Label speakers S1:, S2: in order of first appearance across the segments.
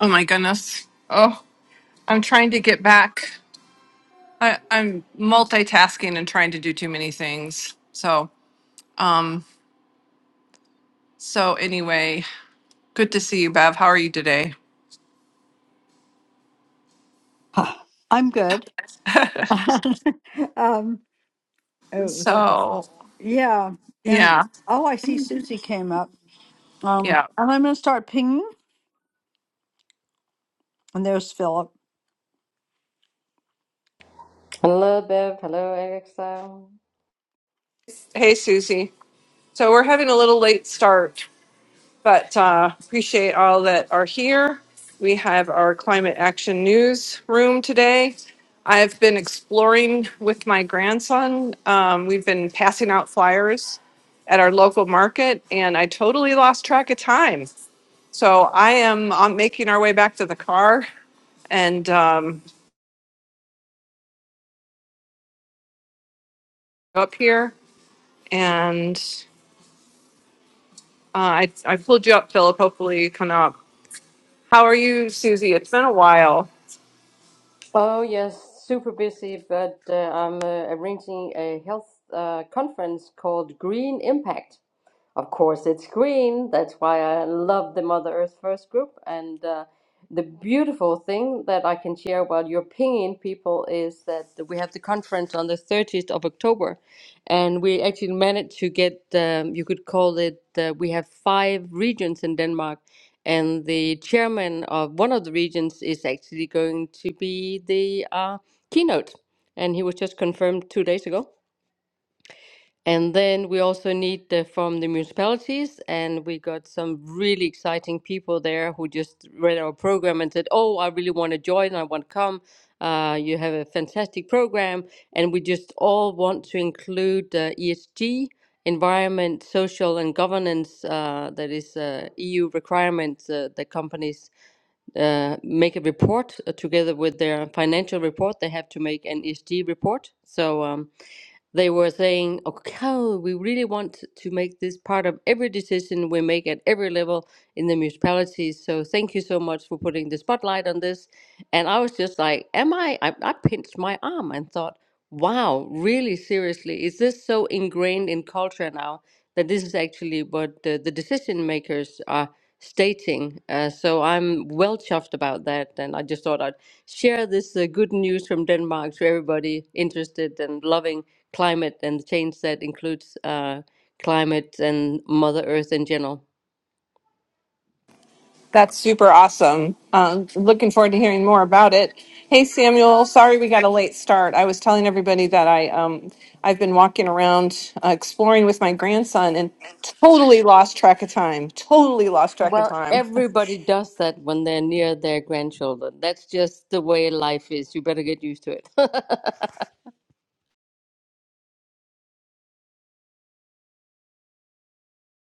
S1: Oh my goodness. Oh, I'm trying to get back. I, I'm multitasking and trying to do too many things. So, um, so anyway, good to see you, Bev. How are you today?
S2: Huh, I'm good. um, it was-
S1: so,
S2: yeah, and
S1: yeah,
S2: oh, I see Susie came up. Um,
S1: yeah.
S2: and I'm gonna start pinging. And there's Philip.
S3: Hello, Bev. Hello, Alexa.
S1: Hey, Susie. So we're having a little late start. But uh, appreciate all that are here. We have our climate action news room today. I've been exploring with my grandson. Um, we've been passing out flyers at our local market, and I totally lost track of time. So I am um, making our way back to the car and um, up here. And uh, I, I pulled you up, Philip. Hopefully, you come up. How are you, Susie? It's been a while.
S3: Oh, yes, super busy, but uh, I'm uh, arranging a health uh, conference called Green Impact. Of course, it's green. That's why I love the Mother Earth First group. And uh, the beautiful thing that I can share about your pinging people is that we have the conference on the 30th of October. And we actually managed to get, um, you could call it, uh, we have five regions in Denmark. And the chairman of one of the regions is actually going to be the uh, keynote. And he was just confirmed two days ago. And then we also need the, from the municipalities, and we got some really exciting people there who just read our program and said, "Oh, I really want to join. I want to come. Uh, you have a fantastic program." And we just all want to include uh, ESG, environment, social, and governance. Uh, that is uh, EU requirements uh, that companies uh, make a report uh, together with their financial report. They have to make an ESG report. So. Um, they were saying, okay, oh, we really want to make this part of every decision we make at every level in the municipalities. So thank you so much for putting the spotlight on this. And I was just like, am I? I, I pinched my arm and thought, wow, really seriously, is this so ingrained in culture now that this is actually what uh, the decision makers are stating? Uh, so I'm well chuffed about that. And I just thought I'd share this uh, good news from Denmark to everybody interested and loving climate and the change that includes uh, climate and Mother Earth in general.
S1: That's super awesome. Um, looking forward to hearing more about it. Hey, Samuel. Sorry we got a late start. I was telling everybody that I um, I've been walking around uh, exploring with my grandson and totally lost track of time. Totally lost track of
S3: Well,
S1: time.
S3: everybody does that when they're near their grandchildren. That's just the way life is. You better get used to it.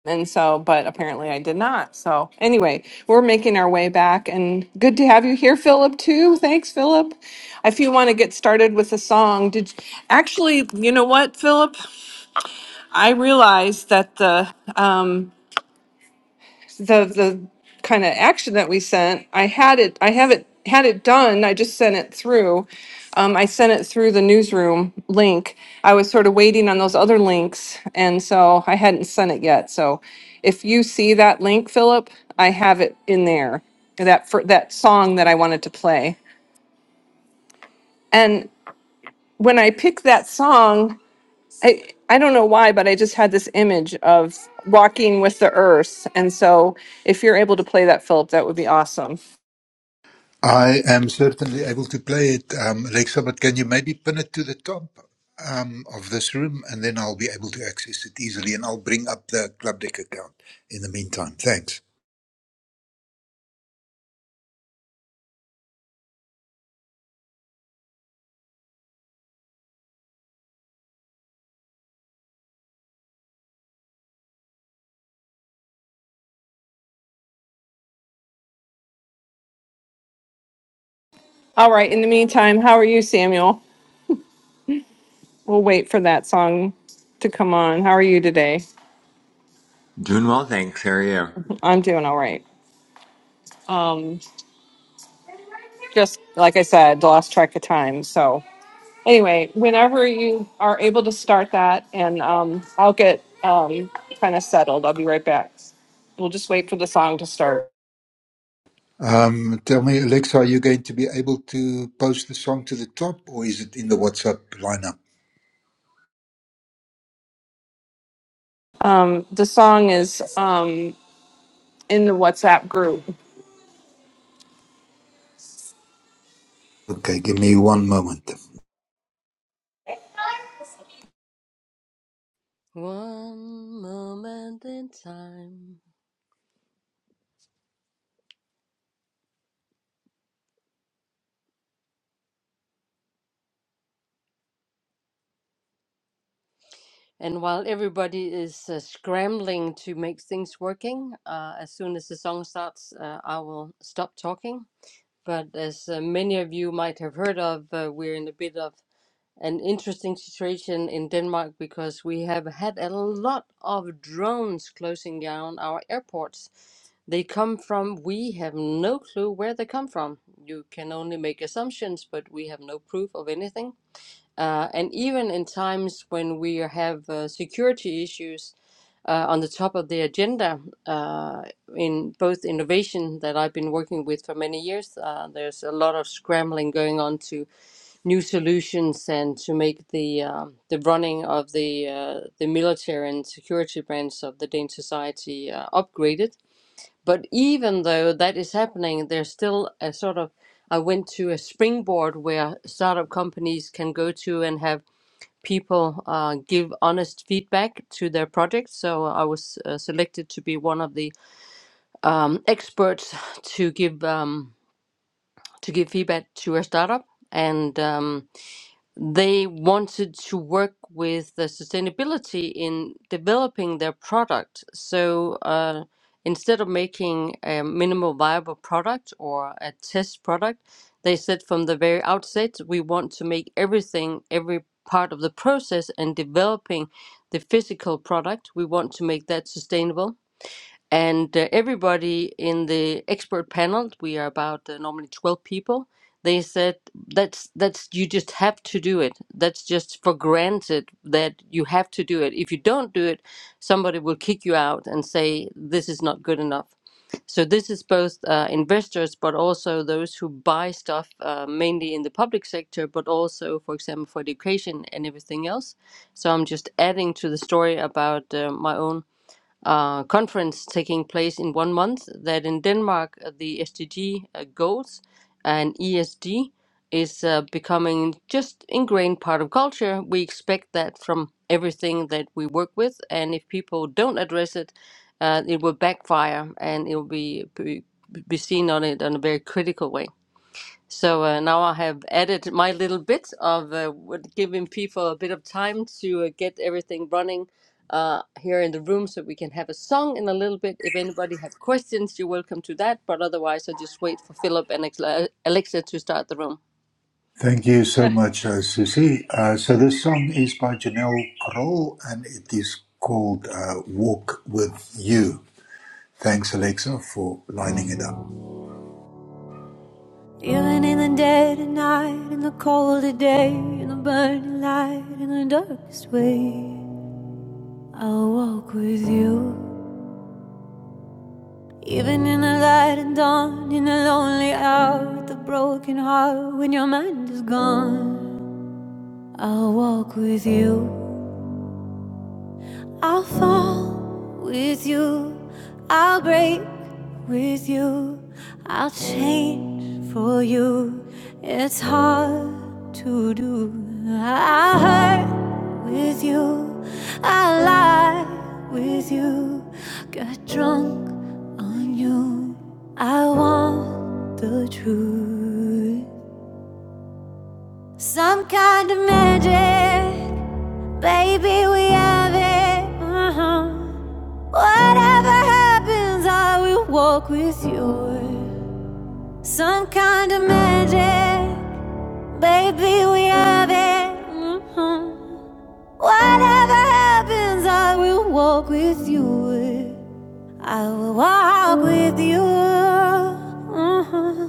S1: And so, but apparently I did not. So anyway, we're making our way back, and good to have you here, Philip. Too. Thanks, Philip. If you want to get started with a song, did actually, you know what, Philip? I realized that the um, the the kind of action that we sent, I had it, I have it had it done. I just sent it through. Um, I sent it through the newsroom link. I was sort of waiting on those other links, and so I hadn't sent it yet. So, if you see that link, Philip, I have it in there. That for that song that I wanted to play, and when I picked that song, I I don't know why, but I just had this image of walking with the earth, and so if you're able to play that, Philip, that would be awesome.
S4: I am certainly able to play it, um, Alexa, but can you maybe pin it to the top um, of this room and then I'll be able to access it easily and I'll bring up the Club Deck account in the meantime. Thanks.
S1: All right. In the meantime, how are you, Samuel? We'll wait for that song to come on. How are you today?
S5: Doing well, thanks. How are you?
S1: I'm doing all right. Um, just like I said, lost track of time. So anyway, whenever you are able to start that, and um, I'll get um, kind of settled. I'll be right back. We'll just wait for the song to start.
S4: Um, tell me, Alexa, are you going to be able to post the song to the top or is it in the WhatsApp lineup?
S1: Um, the song is um, in the WhatsApp group.
S4: Okay, give me one moment.
S3: One moment in time. And while everybody is uh, scrambling to make things working, uh, as soon as the song starts, uh, I will stop talking. But as uh, many of you might have heard of, uh, we're in a bit of an interesting situation in Denmark because we have had a lot of drones closing down our airports. They come from, we have no clue where they come from. You can only make assumptions, but we have no proof of anything. Uh, and even in times when we have uh, security issues uh, on the top of the agenda, uh, in both innovation that I've been working with for many years, uh, there's a lot of scrambling going on to new solutions and to make the um the running of the uh, the military and security branch of the Danish society uh, upgraded. But even though that is happening, there's still a sort of I went to a springboard where startup companies can go to and have people uh, give honest feedback to their projects. So I was uh, selected to be one of the um, experts to give um, to give feedback to a startup and. Um, they wanted to work with the sustainability in developing their product. So uh, instead of making a minimal viable product or a test product, they said from the very outset, we want to make everything, every part of the process and developing the physical product, we want to make that sustainable and uh, everybody in the expert panel we are about uh, normally 12 people they said that's that's you just have to do it that's just for granted that you have to do it if you don't do it somebody will kick you out and say this is not good enough so this is both uh, investors but also those who buy stuff uh, mainly in the public sector but also for example for education and everything else so i'm just adding to the story about uh, my own uh, conference taking place in one month that in Denmark uh, the SDG uh, goals and ESG is uh, becoming just ingrained part of culture. We expect that from everything that we work with, and if people don't address it, uh, it will backfire and it will be, be be seen on it in a very critical way. So uh, now I have added my little bit of uh, what- giving people a bit of time to uh, get everything running uh, here in the room so we can have a song in a little bit. If anybody have questions, you're welcome to that. But otherwise, I just wait for Philip and Alexa Alexa to start the room.
S4: Thank you so much, uh, Susie. Uh, so this song is by Janelle Kroll and it is called uh, Walk With You. Thanks, Alexa, for lining it up.
S6: Even in the dead of night, in the cold of day, in the burning light, in the darkest way, I'll walk with you. Even in the light of dawn, in the lonely hour, the broken heart, when your mind is gone, I'll walk with you. I'll fall with you. I'll break with you. I'll change for you. It's hard to do. I hurt with you. I lie with you. Got drunk on you. I want the truth. Some kind of magic. Baby, we have it. Uh-huh. Whatever happens, I will walk with you. Some kind of magic. Baby, we have it. Uh-huh. Whatever happens, I will walk with you. I will walk with you. Uh-huh.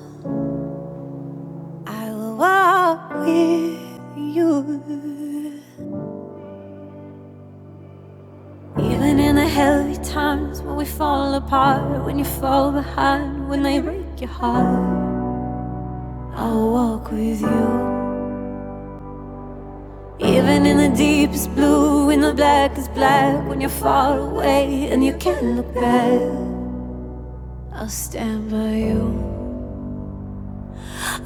S6: I will walk with you. Even in the heavy times when we fall apart, when you fall behind, when they break your heart, I'll walk with you. Even in the deepest blue, when the black is black, when you're far away and you can't look back, I'll stand by you.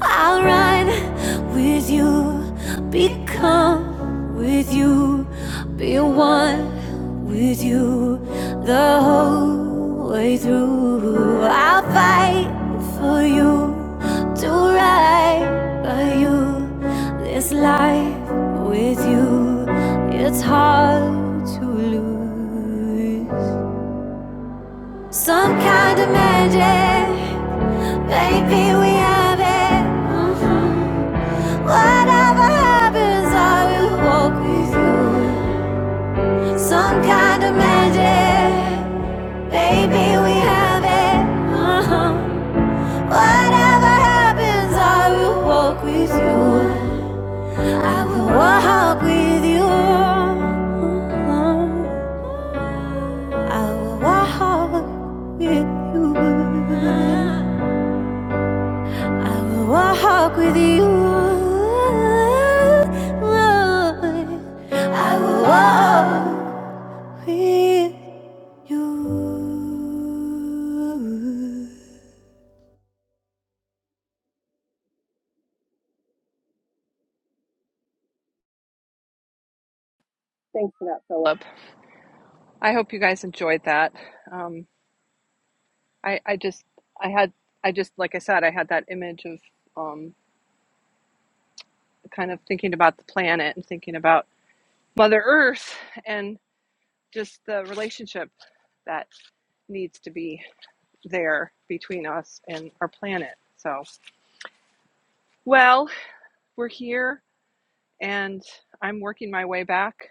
S6: I'll ride with you, become with you, be one with you the whole way through. I'll fight for you do right by you this life with you. It's hard to lose. Some kind of magic, baby, we have it. Mhm. Whatever happens, I will walk with you. Some kind of magic, baby, we have it. Uh-huh. Whatever happens, I will walk with you. I will walk with you. I will walk with you. I will walk with you. I will walk with you.
S1: Thanks for that, Philip. I hope you guys enjoyed that. Um, I, I just I had I just like I said I had that image of um, kind of thinking about the planet and thinking about Mother Earth and just the relationship that needs to be there between us and our planet. So, well, we're here and I'm working my way back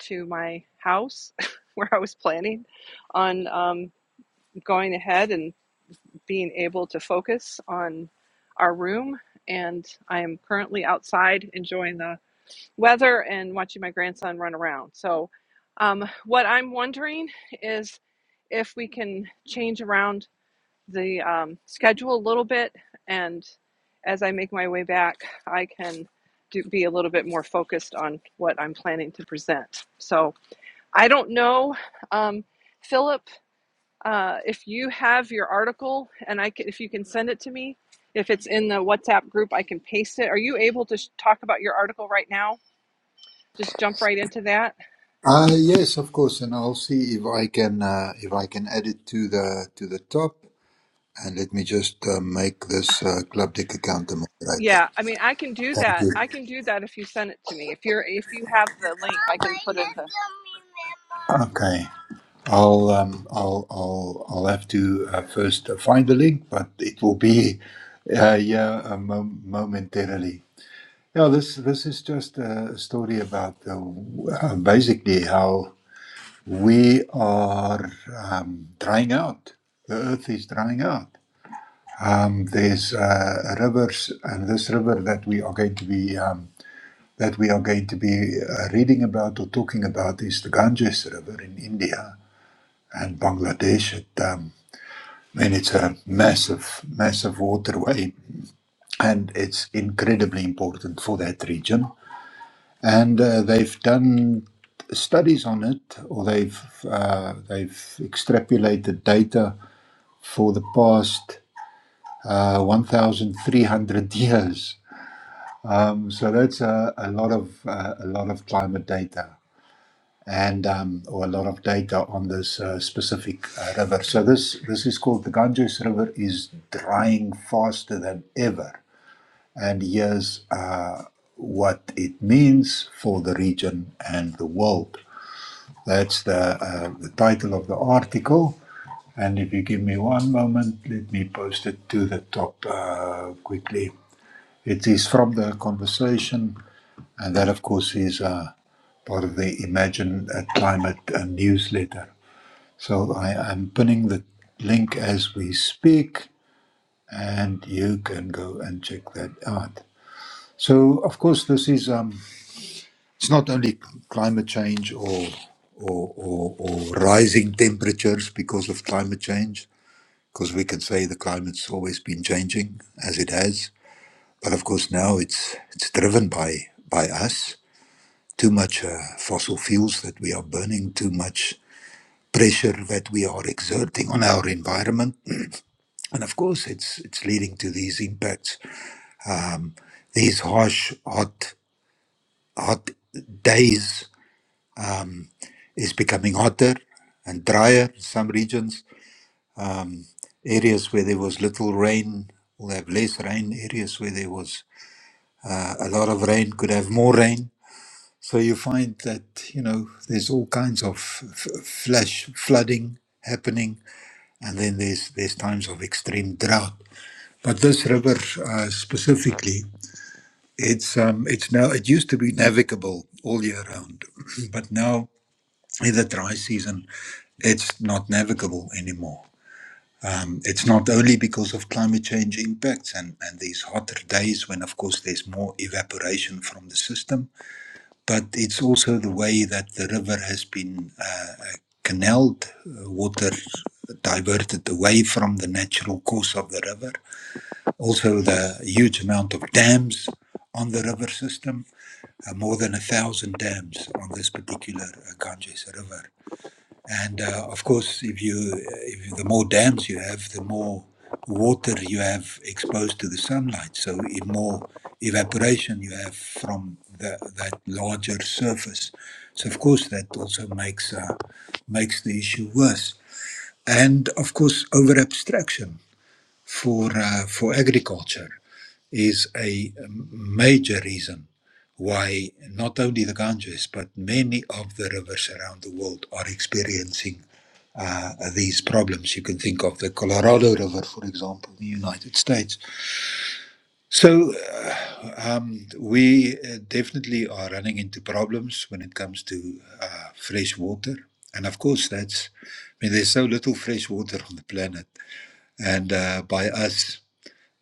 S1: to my house where I was planning on um, going ahead and. being able to focus on our room. And I am currently outside enjoying the weather and watching my grandson run around. So, um, what I'm wondering is if we can change around the um, schedule a little bit. And as I make my way back, I can do, be a little bit more focused on what I'm planning to present. So, I don't know. Um, Philip uh, if you have your article and I can, if you can send it to me, if it's in the WhatsApp group, I can paste it. Are you able to sh- talk about your article right now? Just jump right into that.
S4: Uh, yes, of course, and I'll see if I can uh, if I can add it to the to the top. And let me just uh, make this uh, club deck account a
S1: Yeah,
S4: moderator.
S1: I mean, I can do
S4: Thank
S1: that.
S4: you.
S1: I can do that if you send it to me. If you're if you have the link, I can put it in the.
S4: Okay, I'll um, I'll I'll I'll have to uh, first uh, find the link, but it will be uh, yeah uh, mom- momentarily. Yeah, this this is just a story about uh, w- uh, basically how. We are um, drying out. The earth is drying out. Um, there's uh, rivers, and this river that we are going to be um, that we are going to be uh, reading about or talking about is the Ganges River in India and Bangladesh. It, um, I mean, it's a massive, massive waterway, and it's incredibly important for that region. And uh, they've done studies on it, or they've uh, they've extrapolated data for the past uh, 1,300 years. Um, so that's a, a lot of uh, a lot of climate data and um, or a lot of data on this uh, specific uh, river. So this this is called the Ganges River is drying faster than ever, and here's uh, what it means for the region and the world. That's the, uh, the title of the article. And if you give me one moment, let me post it to the top uh, quickly. It is from the conversation, and that, of course, is uh, part of the Imagine a Climate uh, newsletter. So I am pinning the link as we speak, and you can go and check that out. So, of course, this is. Um, it's not only climate change or or, or or rising temperatures because of climate change, because we can say the climate's always been changing as it has, but of course now it's it's driven by by us. Too much uh, fossil fuels that we are burning, too much pressure that we are exerting on our environment, and of course it's it's leading to these impacts. These harsh, hot, hot days is becoming hotter and drier in some regions Areas where there was little rain will have less rain. Areas where there was uh, a lot of rain could have more rain. So you find that, you know, there's all kinds of f- f- flash flooding happening, and then there's, there's times of extreme drought. But this river uh, specifically, it's um, it's now it used to be navigable all year round, but now in the dry season, it's not navigable anymore. Um, it's not only because of climate change impacts and, and these hotter days when, of course, there's more evaporation from the system, but it's also the way that the river has been uh, uh, canaled, uh, water diverted away from the natural course of the river, also the huge amount of dams on the river system, uh, more than a thousand dams on this particular uh, Ganges River and uh, of course, if you uh, if the more dams you have, the more water you have exposed to the sunlight. So the more evaporation you have from the, that larger surface. So of course, that also makes uh, makes the issue worse. And of course, over abstraction for uh, for agriculture is a major reason why not only the Ganges but many of the rivers around the world are experiencing uh, these problems. You can think of the Colorado River, for example, in the United States. So uh, um, we uh, definitely are running into problems when it comes to uh, fresh water. And of course, that's, I mean, there's so little fresh water on the planet. And uh, by us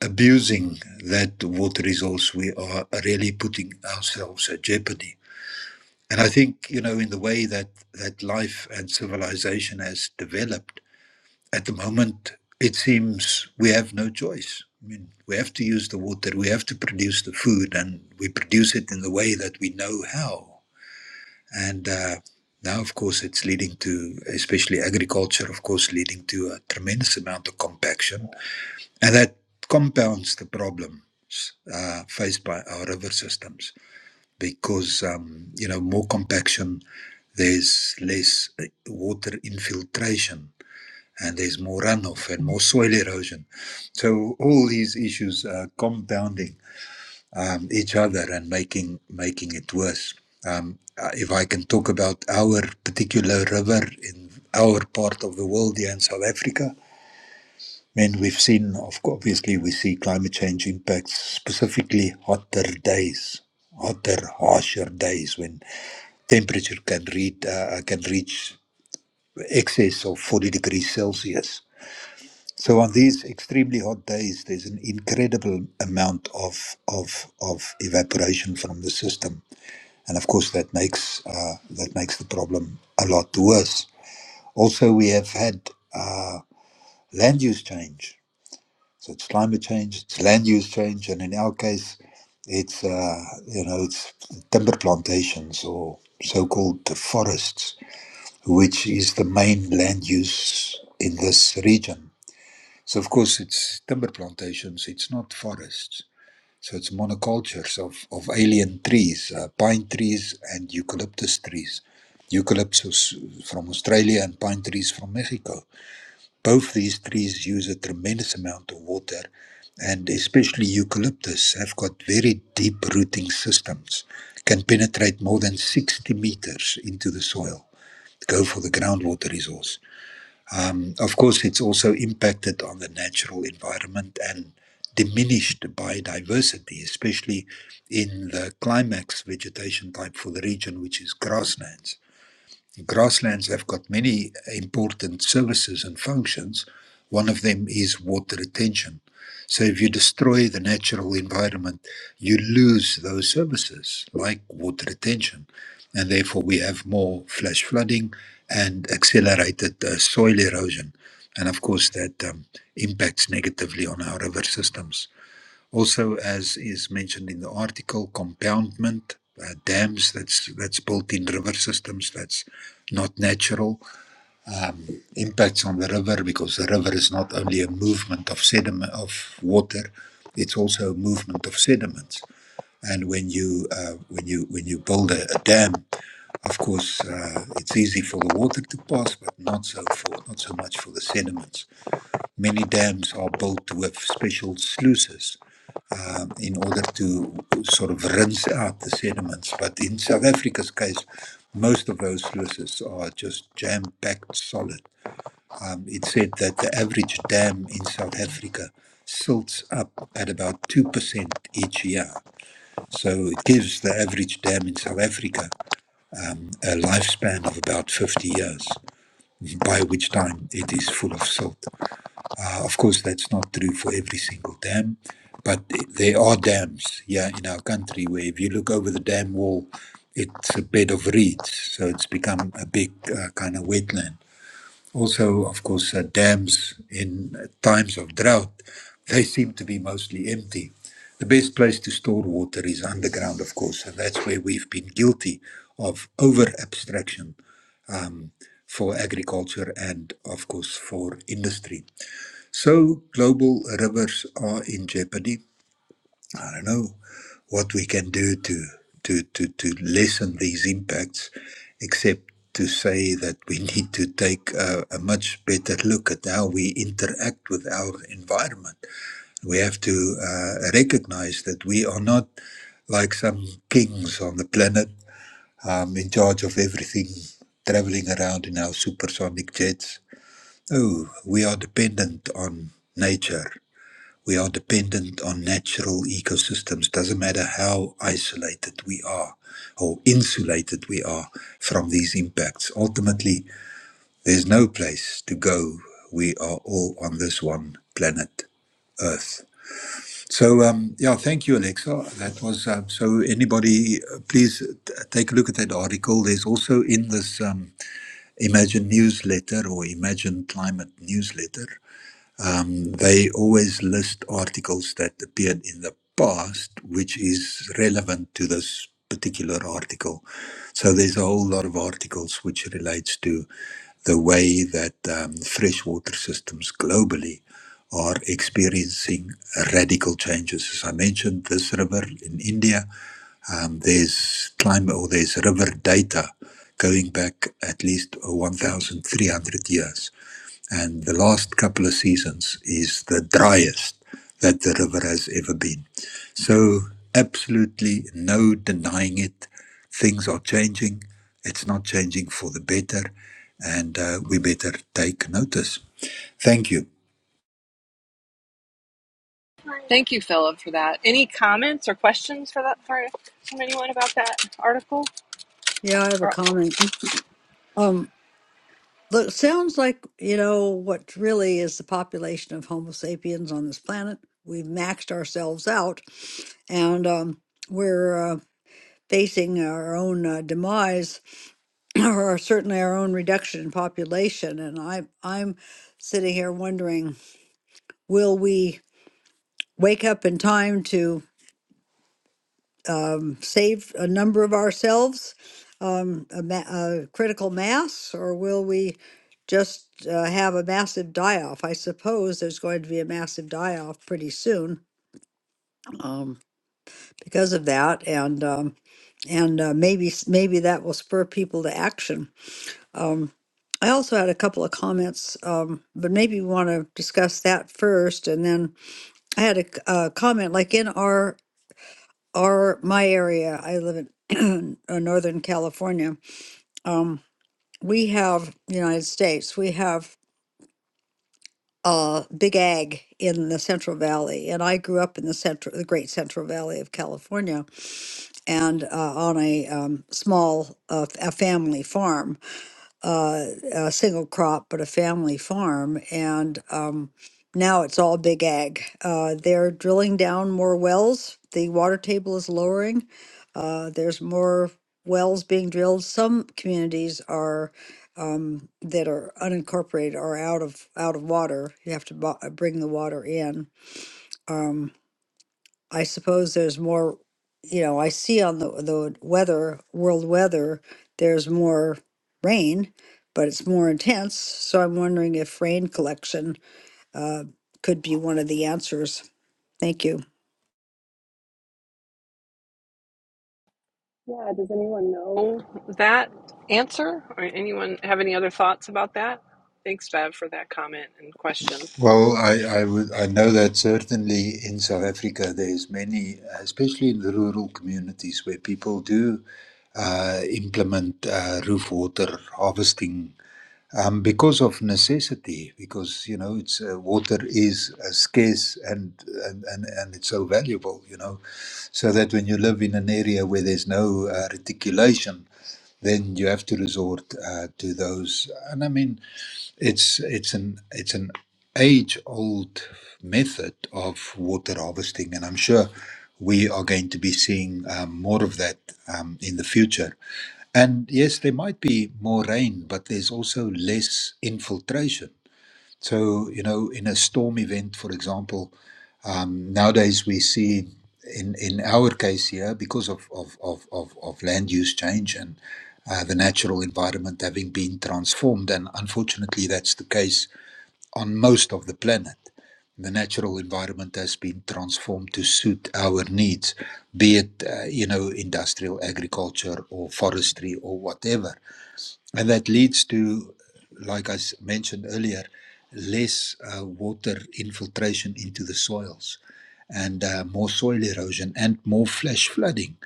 S4: abusing that water resource, we are really putting ourselves at jeopardy. And I think, you know, in the way that, that life and civilization has developed, at the moment, it seems we have no choice. I mean, we have to use the water, we have to produce the food, and we produce it in the way that we know how. And uh, now, of course, it's leading to, especially agriculture, of course, leading to a tremendous amount of compaction. And that compounds the problems uh, faced by our river systems because, um, you know, more compaction, there's less uh, water infiltration and there's more runoff and more soil erosion. So all these issues are compounding um, each other and making making it worse. Um, uh, if I can talk about our particular river in our part of the world here in South Africa, then we've seen, of course, obviously, we see climate change impacts, specifically hotter days, hotter, harsher days when temperature can reach uh, can reach excess of 40 degrees Celsius so on these extremely hot days, there's an incredible amount of of of evaporation from the system, and of course that makes uh, that makes the problem a lot worse. Also, we have had uh, land use change. So it's climate change, it's land use change, and in our case, it's uh, you know it's timber plantations or so-called forests, which is the main land use in this region so of course it's timber plantations, it's not forests. So it's monocultures of, of alien trees, uh, pine trees and eucalyptus trees. Eucalyptus from Australia and pine trees from Mexico. Both these trees use a tremendous amount of water and especially eucalyptus have got very deep rooting systems, can penetrate more than 60 meters into the soil, go for the groundwater resource. Um, of course, it's also impacted on the natural environment and diminished biodiversity, especially in the climax vegetation type for the region, which is grasslands. Grasslands have got many important services and functions. One of them is water retention. So, if you destroy the natural environment, you lose those services like water retention. And therefore, we have more flash flooding and accelerated uh, soil erosion. And of course, that um, impacts negatively on our river systems. Also, as is mentioned in the article, compoundment, uh, dams that's that's built in river systems that's not natural, um, impacts on the river because the river is not only a movement of sediment of water, it's also a movement of sediments. And when you uh, when you when you build a, a dam, of course, uh, it's easy for the water to pass, but not so for not so much for the sediments. Many dams are built with special sluices um, in order to sort of rinse out the sediments. But in South Africa's case, most of those sluices are just jam packed solid. Um, it said that the average dam in South Africa silts up at about 2% each year. So it gives the average dam in South Africa um, a lifespan of about 50 years, by which time it is full of silt. Uh, of course, that's not true for every single dam, but there are dams, yeah, in our country where if you look over the dam wall, it's a bed of reeds, so it's become a big uh, kind of wetland. Also, of course, uh, dams in uh, times of drought, they seem to be mostly empty. The best place to store water is underground, of course, and that's where we've been guilty of over abstraction um, for agriculture and, of course, for industry so global rivers are in jeopardy. I don't know what we can do to to to, to lessen these impacts, except to say that we need to take a, a much better look at how we interact with our environment. We have to uh, recognize that we are not like some kings on the planet, um, in charge of everything, traveling around in our supersonic jets. No, we are dependent on nature we are dependent on natural ecosystems. Doesn't matter how isolated we are or insulated we are from these impacts. Ultimately, there's no place to go. We are all on this one planet, Earth. So, um, yeah, thank you, Alexa. That was uh, so. Anybody, uh, please t- take a look at that article. There's also in this um, Imagine newsletter or Imagine Climate newsletter. Um, they always list articles that appeared in the past, which is relevant to this particular article. So there's a whole lot of articles which relates to the way that um, freshwater systems globally are experiencing radical changes. As I mentioned, this river in India, um, there's climate or there's river data going back at least 1,300 years and the last couple of seasons is the driest that the river has ever been. So, absolutely no denying it. Things are changing. It's not changing for the better, and uh, we better take notice. Thank you.
S1: Thank you, Philip, for that. Any comments or questions for that for from anyone about that article?
S2: Yeah, I have a
S1: or
S2: comment. Um, look, sounds like you know what really is the population of Homo sapiens on this planet. We've maxed ourselves out, and um, we're uh, facing our own uh, demise, or certainly our own reduction in population. And I, I'm sitting here wondering. Will we wake up in time to um, save a number of ourselves, um, a, ma- a critical mass, or will we just uh, have a massive die off? I suppose there's going to be a massive die off pretty soon um, because of that, and um, and uh, maybe s- maybe that will spur people to action. Um, I also had a couple of comments, um, but maybe we want to discuss that first, and then I had a, c- a comment like in our Our my area, I live in uh, Northern California. Um, we have United States. We have uh, big ag in the Central Valley, and I grew up in the central, the Great Central Valley of California, and uh, on a um, small uh, a family farm uh, a single crop, but a family farm. And um, now it's all big ag. Uh, they're drilling down more wells. The water table is lowering. Uh, there's more wells being drilled. Some communities are um, that are unincorporated are out of out of water. You have to bu- bring the water in. Um, I suppose there's more, you know, I see on the the weather, world weather, there's more rain, but it's more intense. So I'm wondering if rain collection uh, could be one of the answers. Thank you.
S1: Yeah, does anyone know that answer? Or anyone have any other thoughts about that? Thanks, Bev, for that comment and question.
S4: Well, I, I would I know that certainly in South Africa there's many, especially in the rural communities, where people do uh, implement uh, roof water harvesting um, because of necessity, because you know it's uh, water is uh, scarce and, and and and it's so valuable, you know, so that when you live in an area where there's no uh, reticulation, then you have to resort uh, to those. And I mean, it's it's an it's an age old method of water harvesting, and I'm sure we are going to be seeing um, more of that um, in the future. And yes, there might be more rain, but there's also less infiltration. So, you know, in a storm event, for example, um, nowadays we see in, in our case here, because of, of, of, of, of land use change and uh, the natural environment having been transformed, and unfortunately that's the case on most of the planet. The natural environment has been transformed to suit our needs, be it, uh, you know, industrial agriculture or forestry or whatever. And that leads to, like I mentioned earlier, less uh, water infiltration into the soils and uh, more soil erosion and more flash flooding.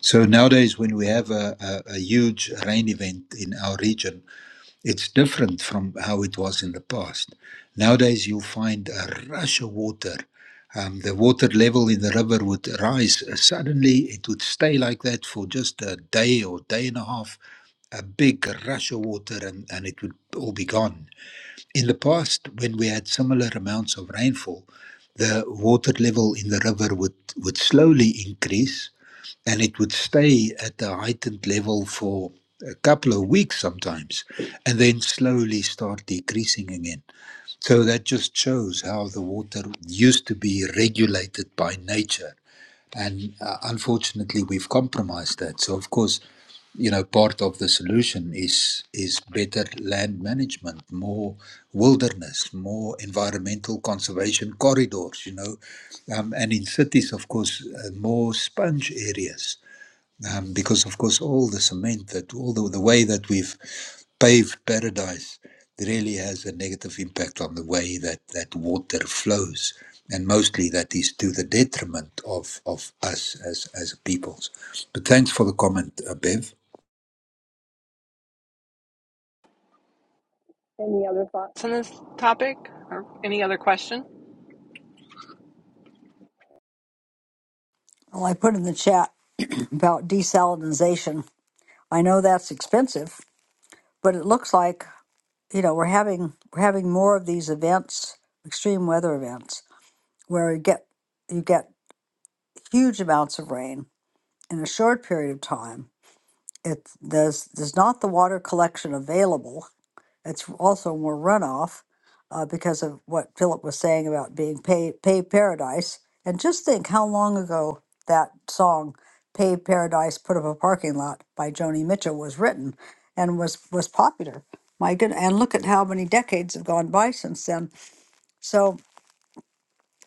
S4: So nowadays, when we have a, a, a huge rain event in our region, it's different from how it was in the past. Nowadays, you find a rush of water. Um, the water level in the river would rise. Uh, Suddenly, it would stay like that for just a day or day and a half. A big rush of water, and, and it would all be gone. In the past, when we had similar amounts of rainfall, the water level in the river would, would slowly increase and it would stay at the heightened level for a couple of weeks sometimes and then slowly start decreasing again so that just shows how the water used to be regulated by nature and uh, unfortunately we've compromised that so of course you know part of the solution is is better land management more wilderness more environmental conservation corridors you know um, and in cities of course uh, more sponge areas um, because of course all the cement that all the, the way that we've paved paradise really has a negative impact on the way that that water flows and mostly that is to the detriment of of us as as peoples but thanks for the comment uh, bev
S1: Any other thoughts? On this topic or any other question?
S2: Well, I put in the chat about desalinization. I know that's expensive, but it looks like you know we're having we're having more of these events, extreme weather events, where you get you get huge amounts of rain in a short period of time it there's there's not the water collection available. It's also more runoff uh, because of what Philip was saying about being pay pay paradise. And just think how long ago that song "Pay Paradise, Put Up a Parking Lot" by Joni Mitchell was written and was was popular. My good, and look at how many decades have gone by since then. So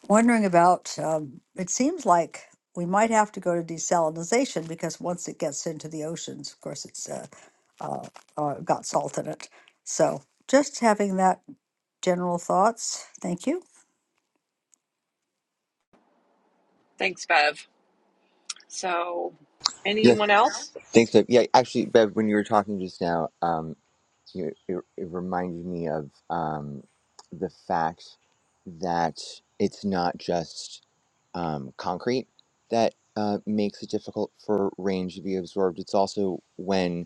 S2: wondering about um, it seems like we might have to go to desalinization because once it gets into the oceans, of course, it's uh, uh, uh, got salt in it. So just having that general thoughts. Thank you.
S1: Thanks, Bev. So,
S5: Yes,
S1: anyone else?
S5: thanks, Bev. Yeah, actually, Bev, when you were talking just now, um, you, it, it reminded me of um, the fact that it's not just um, concrete that uh, makes it difficult for rain to be absorbed. It's also when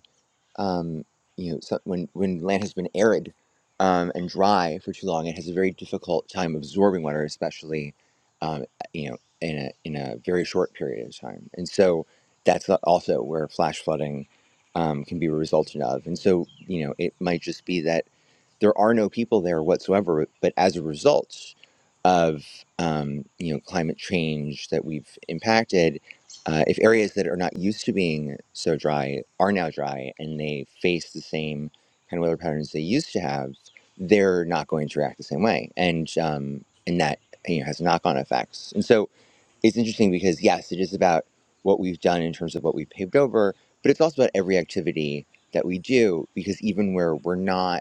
S5: um, you know, so when when land has been arid um, and dry for too long, it has a very difficult time absorbing water, especially um, you know in a in a very short period of time. And so that's also where flash flooding um, can be a resultant of. And so you know, it might just be that there are no people there whatsoever. But as a result of um, you know climate change that we've impacted, uh, if areas that are not used to being so dry are now dry and they face the same kind of weather patterns they used to have, they're not going to react the same way, and um, and that you know has knock-on effects. And so it's interesting because yes, it is about what we've done in terms of what we've paved over, but it's also about every activity that we do because even where we're not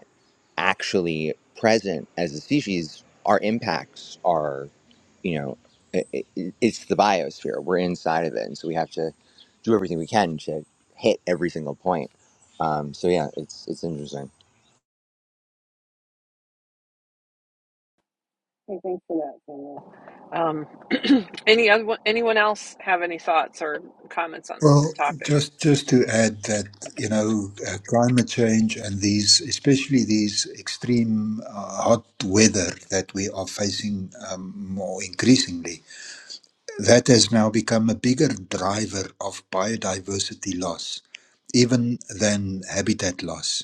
S5: actually present as a species, our impacts are, you know, i i it's the biosphere. We're inside of it, and so we have to do everything we can to hit every single point. Um, so yeah, it's it's interesting.
S1: Hey, thanks for that, Sandra. Um, any other anyone else have any thoughts or comments on this
S4: well
S1: topic?
S4: just just to add that you know uh, climate change and these especially these extreme uh, hot weather that we are facing um, more increasingly That has now become a bigger driver of biodiversity loss, even than habitat loss.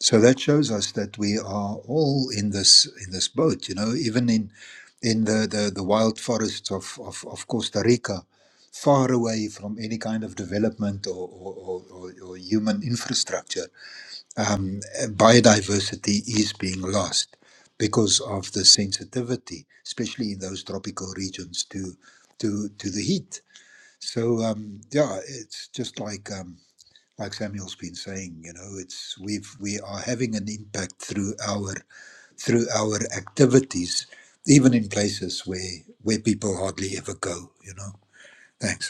S4: So that shows us that we are all in this in this boat, you know, even in in the, the, the wild forests of, of, of Costa Rica, far away from any kind of development or, or, or, or or human infrastructure um, biodiversity is being lost because of the sensitivity, especially in those tropical regions to to to the heat. So um, yeah, it's just like um, like Samuel's been saying, you know, it's we've we are having an impact through our through our activities, even in places where where people hardly ever go. You know, thanks.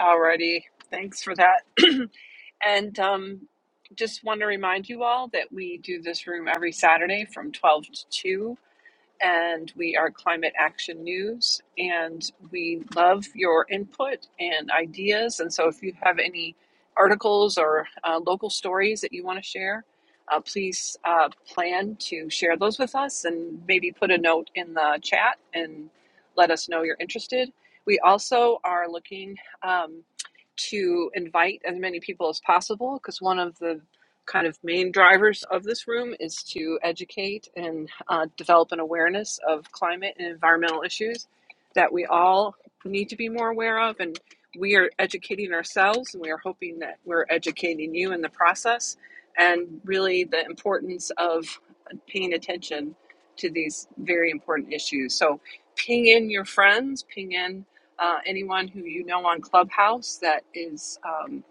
S1: Alrighty, thanks for that. and um, just want to remind you all that we do this room every Saturday from 12 to 2 and we are Climate Action News, and we love your input and ideas. And so, if you have any articles or uh, local stories that you want to share, uh, please uh, plan to share those with us and maybe put a note in the chat and let us know you're interested. We also are looking um, to invite as many people as possible because one of the kind of main drivers of this room is to educate and uh, develop an awareness of climate and environmental issues that we all need to be more aware of. And we are educating ourselves, and we are hoping that we're educating you in the process. And really, the importance of paying attention to these very important issues. So, ping in your friends, ping in uh, anyone who you know on Clubhouse that is um,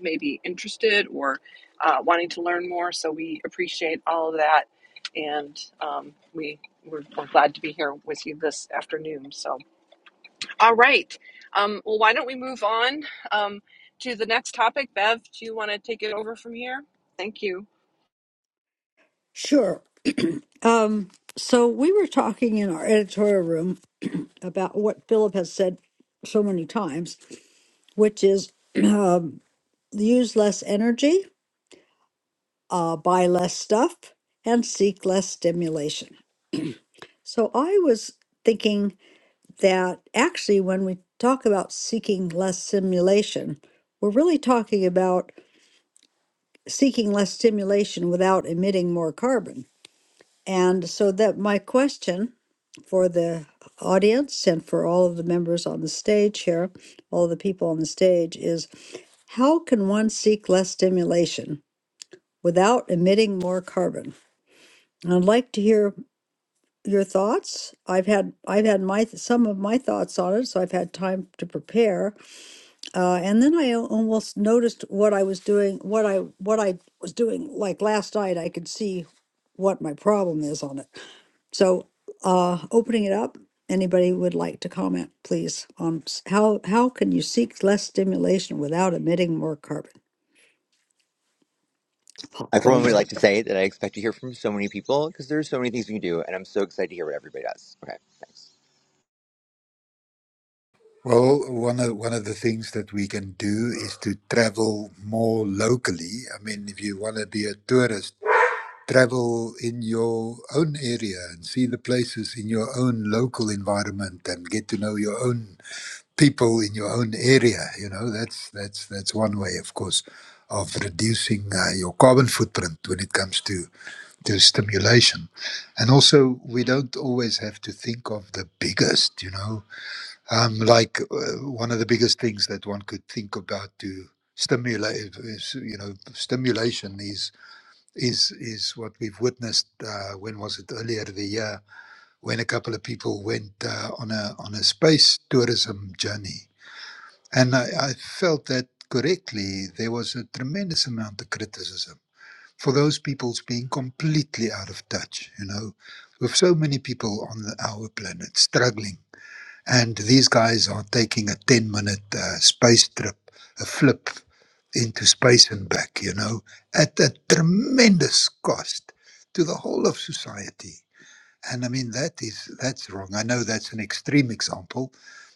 S1: maybe interested or uh, wanting to learn more. So we appreciate all of that, and um, we we're, we're glad to be here with you this afternoon. So, all right. Um, well, why don't we move on um, to the next topic? Bev, do you want to take it over from here? Thank you.
S2: Sure. Um, so we were talking in our editorial room about what Philip has said so many times, which is um, use less energy, uh, buy less stuff, and seek less stimulation. So I was thinking that actually, when we talk about seeking less stimulation, we're really talking about seeking less stimulation without emitting more carbon. And so that my question for the audience and for all of the members on the stage here, all the people on the stage is how can one seek less stimulation without emitting more carbon? And I'd like to hear your thoughts. I've had I've had my th- some of my thoughts on it, so I've had time to prepare. Uh, and then I al- almost noticed what I was doing, what I what I was doing like last night. I could see what my problem is on it. So, uh, opening it up, anybody would like to comment, please, on s- how, how can you seek less stimulation without emitting more carbon?
S5: I for one
S2: Popcorn
S5: would
S2: stuff.
S5: like to say that I expect to hear from so many people because there's so many things we can do, and I'm so excited to hear what everybody does. Okay, thanks.
S4: Well, one of one of the things that we can do is to travel more locally. I mean, if you want to be a tourist, travel in your own area and see the places in your own local environment and get to know your own people in your own area. You know, that's that's that's one way, of course, of reducing uh, your carbon footprint when it comes to to stimulation. And also, we don't always have to think of the biggest. You know um, like uh, one of the biggest things that one could think about to stimulate is, you know, stimulation is is is what we've witnessed. Uh, when was it earlier the year when a couple of people went uh, on a on a space tourism journey, and I, I felt that correctly there was a tremendous amount of criticism for those people's being completely out of touch. You know, with so many people on the, our planet struggling and these guys are taking a 10 minute uh, space trip, a flip into space and back, you know, at a tremendous cost to the whole of society. And I mean, that is, that's wrong. I know that's an extreme example,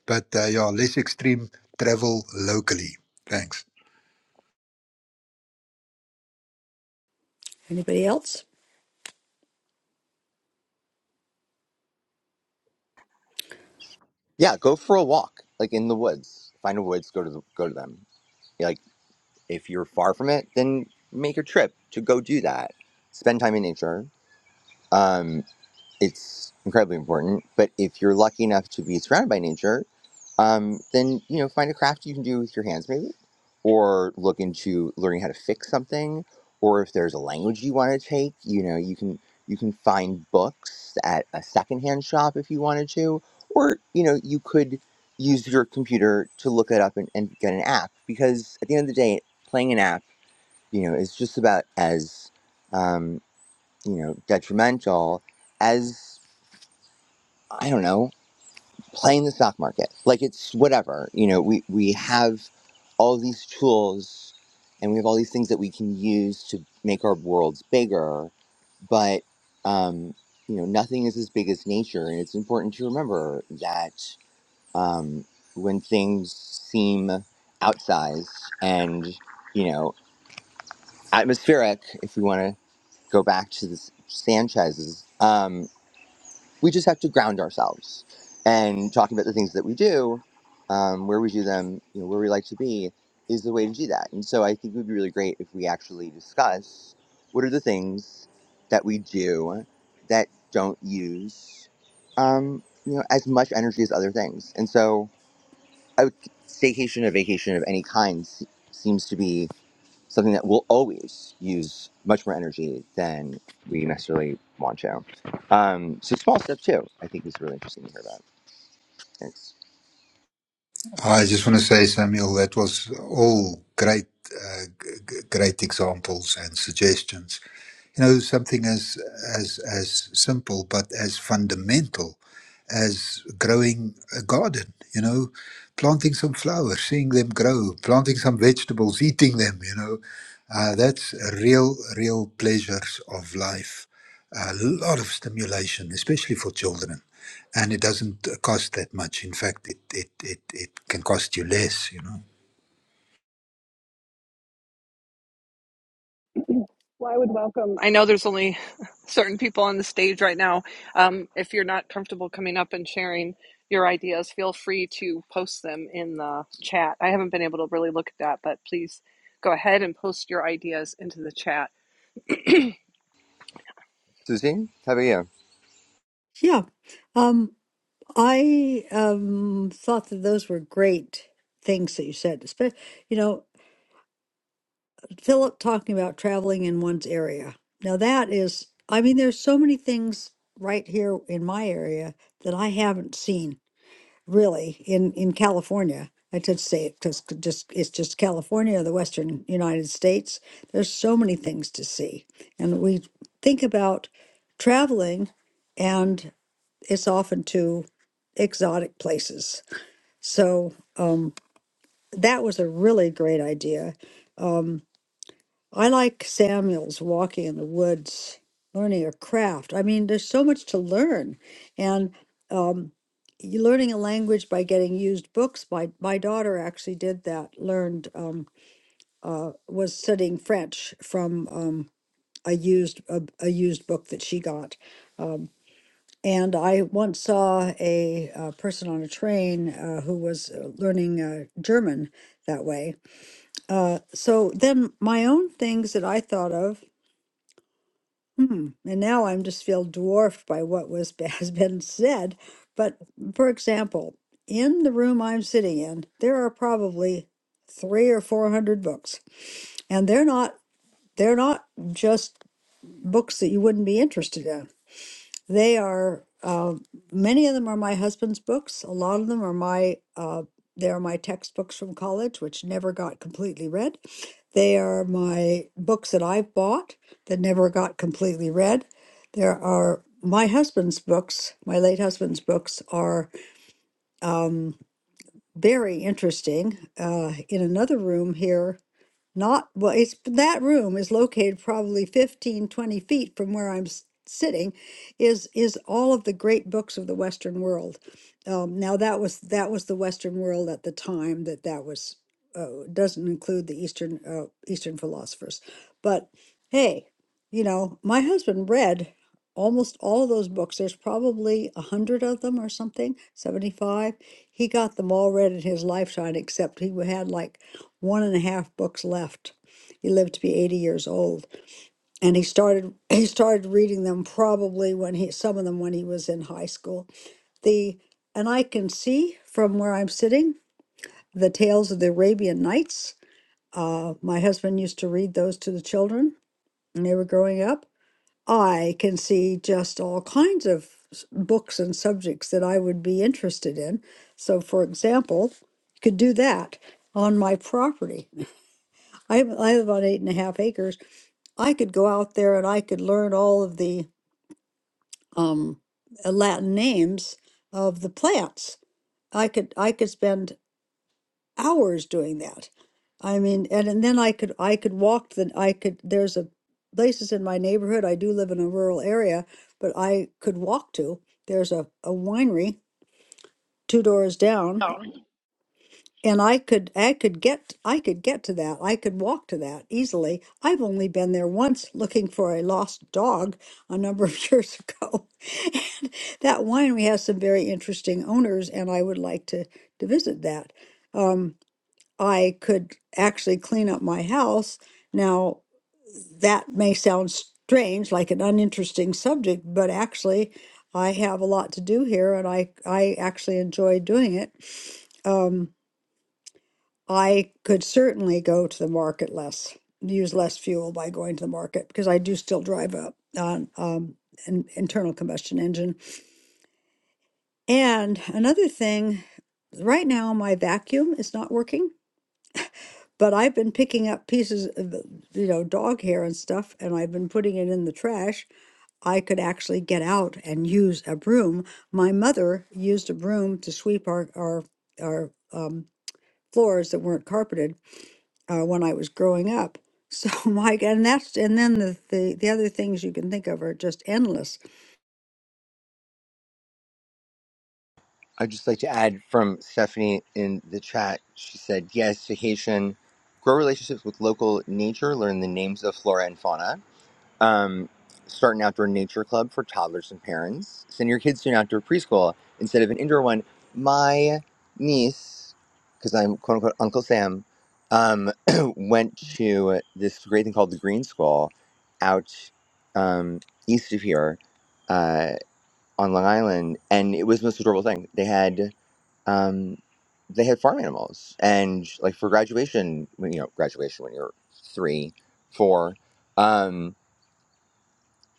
S4: but uh, yeah, less extreme travel locally. Thanks.
S2: Anybody else?
S5: Yeah, go for a walk, like in the woods. Find a woods, go to the, go to them. Like if you're far from it, then make a trip to go do that. Spend time in nature Um, it's incredibly important. But if you're lucky enough to be surrounded by nature, um, then you know find a craft you can do with your hands, maybe, or look into learning how to fix something. Or if there's a language you want to take, you know you can you can find books at a secondhand shop if you wanted to, or you know you could use your computer to look it up and, and get an app because at the end of the day, playing an app, you know, is just about as um, you know, detrimental as I don't know, playing the stock market. Like it's whatever. You know, we we have all these tools and we have all these things that we can use to make our worlds bigger, but um, you know, nothing is as big as nature and it's important to remember that um, when things seem outsized and, you know, atmospheric, if we want to go back to the Sanchez's. um, we just have to ground ourselves and talking about the things that we do um, where we do them you know where we like to be is the way to do that and so i think it would be really great if we actually discuss what are the things that we do that don't use um, you know as much energy as other things and so I would, staycation or vacation of any kind se- seems to be something that will always use much more energy than we necessarily want to. Um, so small step too, I think is really interesting to hear about. Thanks.
S4: I just want to say, Samuel, that was all great, uh, g- g- great examples and suggestions. You know, something as as as simple but as fundamental as growing a garden. You know, planting some flowers, seeing them grow, planting some vegetables, eating them. You know, uh, that's a real, real pleasures of life. A lot of stimulation, especially for children and it doesn't uh, cost that much. In fact, it it it, it can cost you less. You know.
S1: Well, I would welcome. I know there's only certain people on the stage right now. Um, if you're not comfortable coming up and sharing your ideas, feel free to post them in the chat. I haven't been able to really look at that, but please go ahead and post your ideas into the chat.
S5: Susie, how about you?
S2: Yeah. Um, I um, thought that those were great things that you said. Espe- You know, Philip talking about traveling in one's area. Now that is, I mean, there's so many things right here in my area that I haven't seen really in in California. I should say it because just it's just California, the Western United States. There's so many things to see, and we think about traveling, and it's often to exotic places. So um, that was a really great idea. Um, I like Samuel's walking in the woods, learning a craft. I mean, there's so much to learn, and um, you learning a language by getting used books. My my daughter actually did that. Learned um, uh, was studying French from um, a used a, a used book that she got. Um, and I once saw a, uh person on a train uh, who was uh, learning uh, German that way. Uh, so then my own things that I thought of Hmm. And now I'm just feel dwarfed by what was has been said. But for example, in the room I'm sitting in, there are probably three or four hundred books, and they're not they're not just books that you wouldn't be interested in. They are uh, many of them are my husband's books. A lot of them are my uh, they are my textbooks from college, which never got completely read. They are my books that I've bought that never got completely read. There are my husband's books. My late husband's books are um, very interesting. Uh, in another room here not, well, it's that room is located probably 15 20 feet from where I'm s- sitting is is all of the great books of the Western world. Um, now that was that was the Western world at the time that that was uh, doesn't include the Eastern uh, Eastern philosophers. But hey, you know, my husband read almost all of those books. There's probably a hundred of them or something, 75. He got them all read in his lifetime, except he had like one and a half books left. He lived to be 80 years old, and he started he started reading them probably when he some of them when he was in high school. The and I can see from where I'm sitting the tales of the Arabian Nights. Uh, my husband used to read those to the children when they were growing up. I can see just all kinds of s- books and subjects that I would be interested in. So, for example, you could do that on my property I have, I have about eight and a half acres. I could go out there and I could learn all of the um, uh, Latin names of the plants. I could I could spend hours doing that. I mean, and, and then I could I could walk the I could there's a places in my neighborhood. I do live in a rural area, but I could walk to. There's a, a winery two doors down and I could I could get I could get to that. I could walk to that easily. I've only been there once looking for a lost dog a number of years ago. And that winery has some very interesting owners and I would like to to visit that. Um, I could actually clean up my house. Now that may sound strange like an uninteresting subject, but actually I have a lot to do here and I I actually enjoy doing it Um, I could certainly go to the market less, use less fuel by going to the market because I do still drive a on um, an internal combustion engine. And another thing, right now my vacuum is not working, but I've been picking up pieces of, the- you know, dog hair and stuff, and I've been putting it in the trash. I could actually get out and use a broom. My mother used a broom to sweep our our our um, floors that weren't carpeted uh, when I was growing up. So my God, and that's and then the, the the other things you can think of are just endless.
S5: I'd just like to add from Stephanie in the chat. She said, yes, vacation. Grow relationships with local nature. Learn the names of flora and fauna um, start an outdoor nature club for toddlers and parents. Send your kids to an outdoor preschool instead of an indoor one. My niece, because I'm quote unquote Uncle Sam, um, went to this great thing called the Green School out um, east of here uh, on Long Island, and it was the most adorable thing. They had um, they had farm animals, and like for graduation, when you know graduation when you're three, four. Um,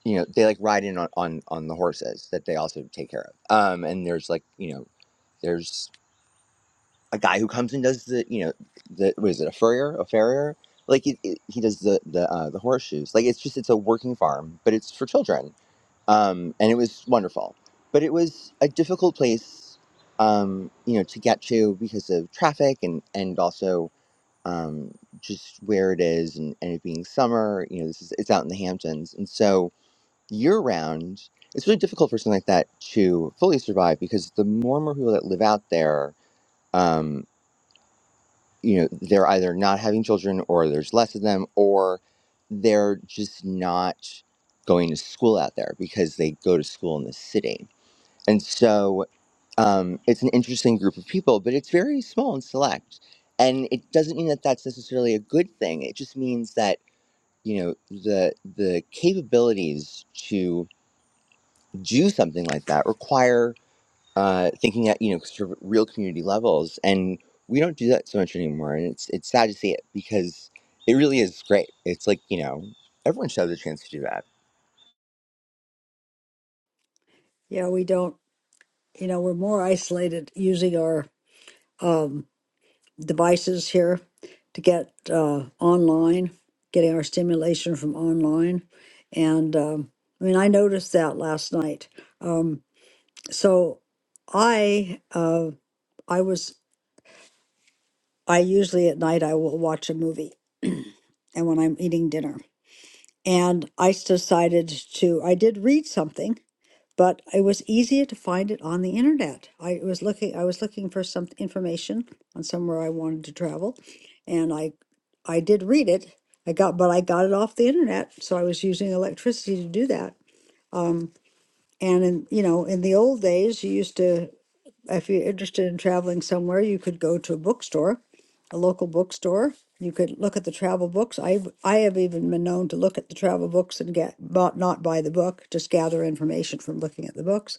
S5: you know they like ride in on on, on the horses that they also take care of um and there's like you know there's a guy who comes and does the you know the what is it a furrier a farrier like it, it, he does the the uh, the horseshoes like it's just it's a working farm but it's for children um and it was wonderful but it was a difficult place um you know to get to because of traffic and and also um just where it is and, and it being summer you know this is it's out in the hamptons and so year round, it's really difficult for something like that to fully survive because the more and more people that live out there, um, you know, they're either not having children or there's less of them or they're just not going to school out there because they go to school in the city. And so um, it's an interesting group of people, but it's very small and select. And it doesn't mean that that's necessarily a good thing. It just means that, you know, the the capabilities to do something like that require uh, thinking at you know sort of real community levels, and we don't do that so much anymore. And it's it's sad to see it because it really is great. It's like you know everyone should have the chance to do that.
S2: Yeah, we don't, you know, we're more isolated using our um, devices here to get uh, online, getting our stimulation from online, and um, I mean, I noticed that last night. Um, so I uh, I was I usually at night I will watch a movie, and when I'm eating dinner. And I decided to, I did read something, but it was easier to find it on the internet. I was looking, I was looking for some information on somewhere I wanted to travel, and I, I did read it. I got, but I got it off the internet, so I was using electricity to do that. Um, and in, you know, in the old days, you used to if you're interested in traveling somewhere, you could go to a bookstore, a local bookstore. You could look at the travel books. I I have even been known to look at the travel books and get but not buy the book, just gather information from looking at the books,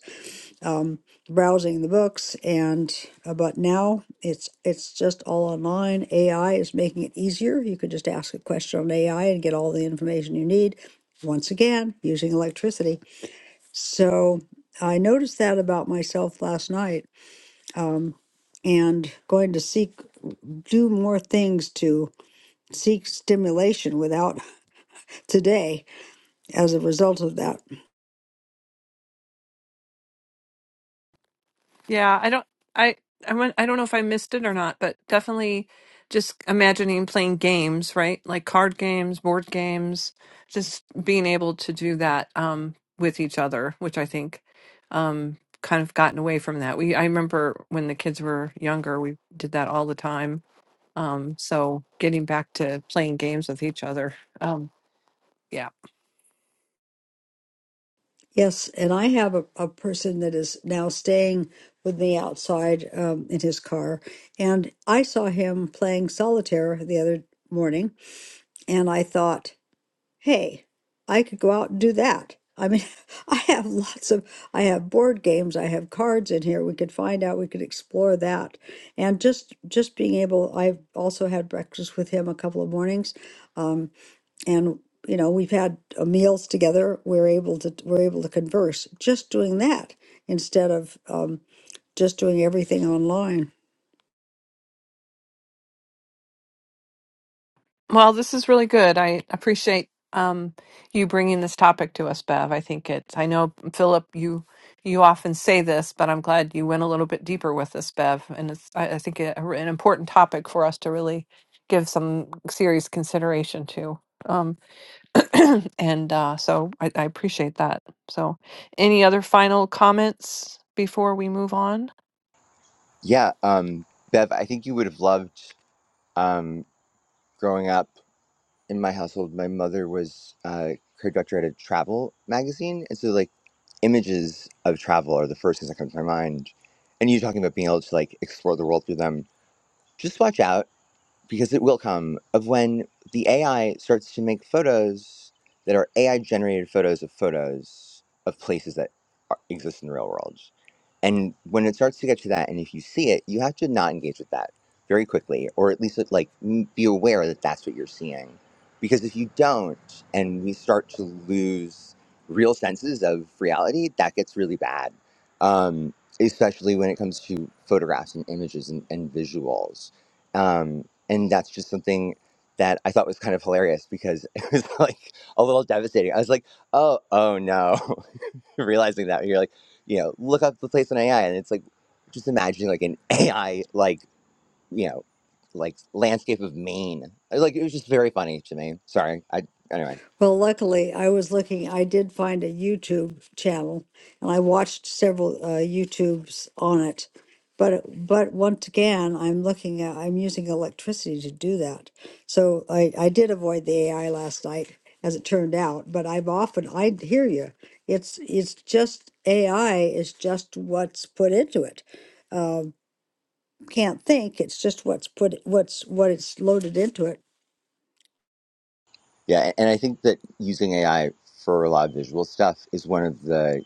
S2: um, browsing the books, and uh, but now it's it's just all online. AI is making it easier. You could just ask a question on AI and get all the information you need. Once again, using electricity. So I noticed that about myself last night. Um, and going to seek do more things to seek stimulation without today as a result of that
S1: Yeah, I don't I I went, I don't know if I missed it or not, but definitely just imagining playing games, right? Like card games, board games, just being able to do that um with each other, which I think um kind of gotten away from that. We I remember when the kids were younger, we did that all the time. Um so getting back to playing games with each other. Um yeah.
S2: yes and i have a, a person that is now staying with me outside um, in his car and i saw him playing solitaire the other morning and i thought hey, I could go out and do that. I mean, I have lots of, I have board games, I have cards in here. We could find out, we could explore that. And just just being able, I've also had breakfast with him a couple of mornings. Um, and you know, we've had uh, meals together. We're able to we're able to converse just doing that instead of um, just doing everything online.
S1: Well, this is really good. I appreciate um, you bringing this topic to us, Bev. I think it's. I know Philip, you you often say this, but I'm glad you went a little bit deeper with this, Bev. And it's, I, I think, a, an important topic for us to really give some serious consideration to. Um, and uh, so I, I appreciate that. So, any other final comments before we move on?
S5: Yeah, um, Bev, I think you would have loved um, growing up. in my household, my mother was uh, co-director at a travel magazine, and so like images of travel are the first things that come to my mind. And you talking about being able to like explore the world through them. Just watch out because it will come of when the AI starts to make photos that are AI generated photos of photos of places that are, exist in the real world. And when it starts to get to that, and if you see it, you have to not engage with that very quickly, or at least like m- be aware that that's what you're seeing. Because if you don't, and we start to lose real senses of reality, that gets really bad, um, especially when it comes to photographs and images and, and visuals. Um, and that's just something that I thought was kind of hilarious because it was like a little devastating. I was like, oh, oh no, realizing that you're like, you know, look up the place on AI, and it's like, just imagining like an AI like you know, like landscape of Maine. I was Like it was just very funny to me. Sorry, I anyway,
S2: Well, luckily, I was looking, I did find a YouTube channel and I watched several uh, YouTubes on it. But but once again, I'm looking at I'm using electricity to do that. So I I did avoid the AI last night as it turned out, but I've often I hear you. It's it's just AI is just what's put into it. Um, can't think, it's just what's put what's what it's loaded into it.
S5: yeah, and I think that using AI for a lot of visual stuff is one of the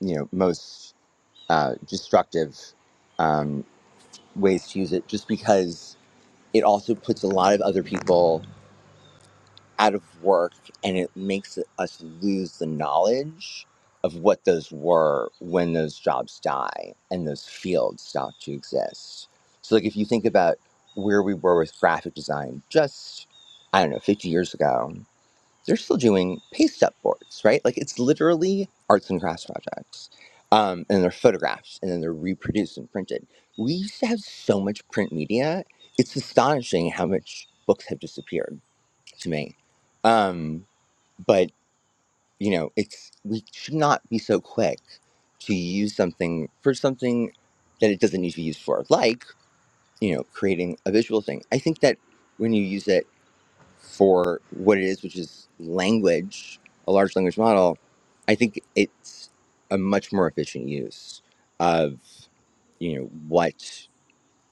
S5: you know most uh, destructive um, ways to use it, just because it also puts a lot of other people out of work and it makes us lose the knowledge of what those were when those jobs die and those fields stop to exist. So, like, if you think about where we were with graphic design just, I don't know, 50 years ago, they're still doing paste up boards, right? Like it's literally arts and crafts projects. Um, and they're photographs and then they're reproduced and printed. We used to have so much print media. It's astonishing how much books have disappeared to me. Um, but you know, it's we should not be so quick to use something for something that it doesn't need to be used for, like, you know, creating a visual thing. I think that when you use it for what it is, which is language, a large language model, I think it's a much more efficient use of you know what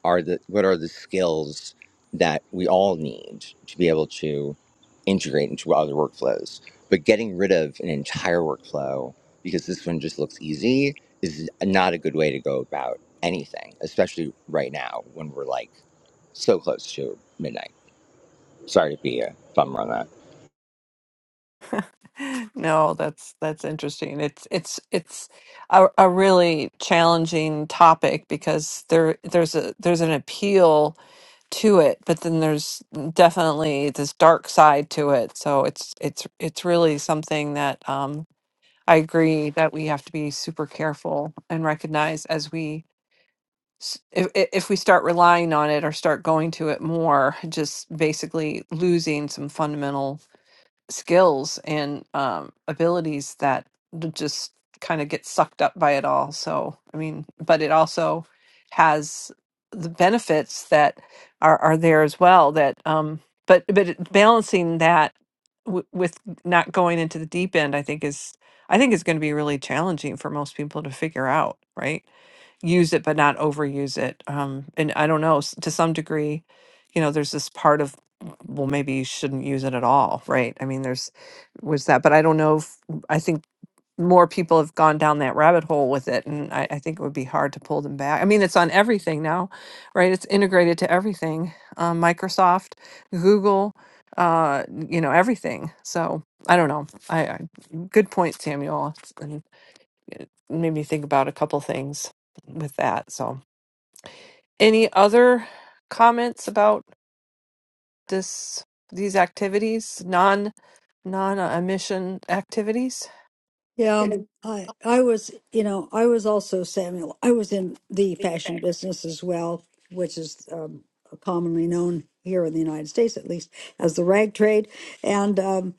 S5: are the what are the skills that we all need to be able to integrate into other workflows. But getting rid of an entire workflow because this one just looks easy is not a good way to go about anything, especially right now when we're like so close to midnight. Sorry to be a bummer on that.
S1: No, that's that's interesting. It's it's it's a, a really challenging topic because there there's a there's an appeal to it, but then there's definitely this dark side to it. So it's it's it's really something that um, I agree that we have to be super careful and recognize as we s- if if if we start relying on it or start going to it more, just basically losing some fundamental skills and um, abilities that d- just kind of get sucked up by it all. So, I mean, but it also has the benefits that are, are there as well. That, um, but but it- balancing that w- with not going into the deep end, I think is I think is going to be really challenging for most people to figure out. Right, use it but not overuse it. Um, and I don't know s- to some degree, you know, there's this part of well maybe you shouldn't use it at all right i mean there's was that but i don't know if i think more people have gone down that rabbit hole with it and I, I think it would be hard to pull them back i mean it's on everything now right it's integrated to everything um, microsoft google uh you know everything so i don't know i, I good point samuel It's- and made me think about a couple things with that so any other comments about this these activities, non non uh, emission activities.
S2: Yeah, I I was, you know, I was also Samuel. I was in the fashion business as well, which is um, commonly known here in the United States, at least, as the rag trade. And um,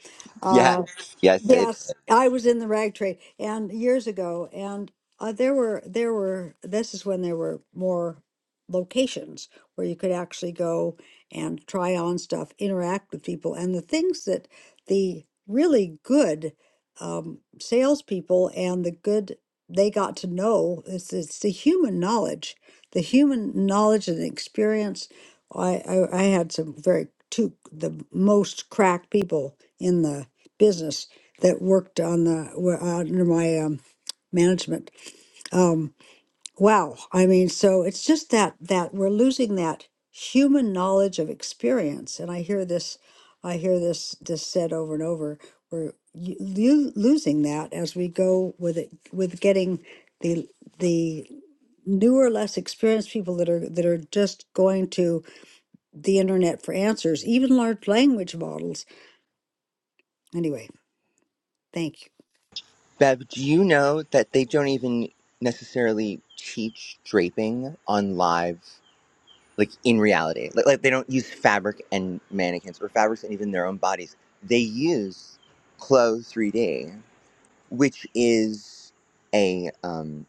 S5: Yes,
S2: uh,
S5: yes, it is.
S2: Yes, I was in the rag trade and years ago, and uh, there were there were this is when there were more locations where you could actually go and try on stuff, interact with people, and the things that the really good um, salespeople and the good they got to know is it's the human knowledge, the human knowledge and experience. I, I I had some very two the most crack people in the business that worked on the were under my um, management. Um, wow, I mean, so it's just that that we're losing that human knowledge of experience, and I hear this, I hear this this said over and over. We're y- lo- losing that as we go with it with getting the the newer, less experienced people that are that are just going to the internet for answers, even large language models. Anyway, thank you.
S5: Bev, do you know that they don't even necessarily teach draping on live, like in reality? Like, like they don't use fabric and mannequins or fabrics and even their own bodies. They use Clo 3D, which is a um,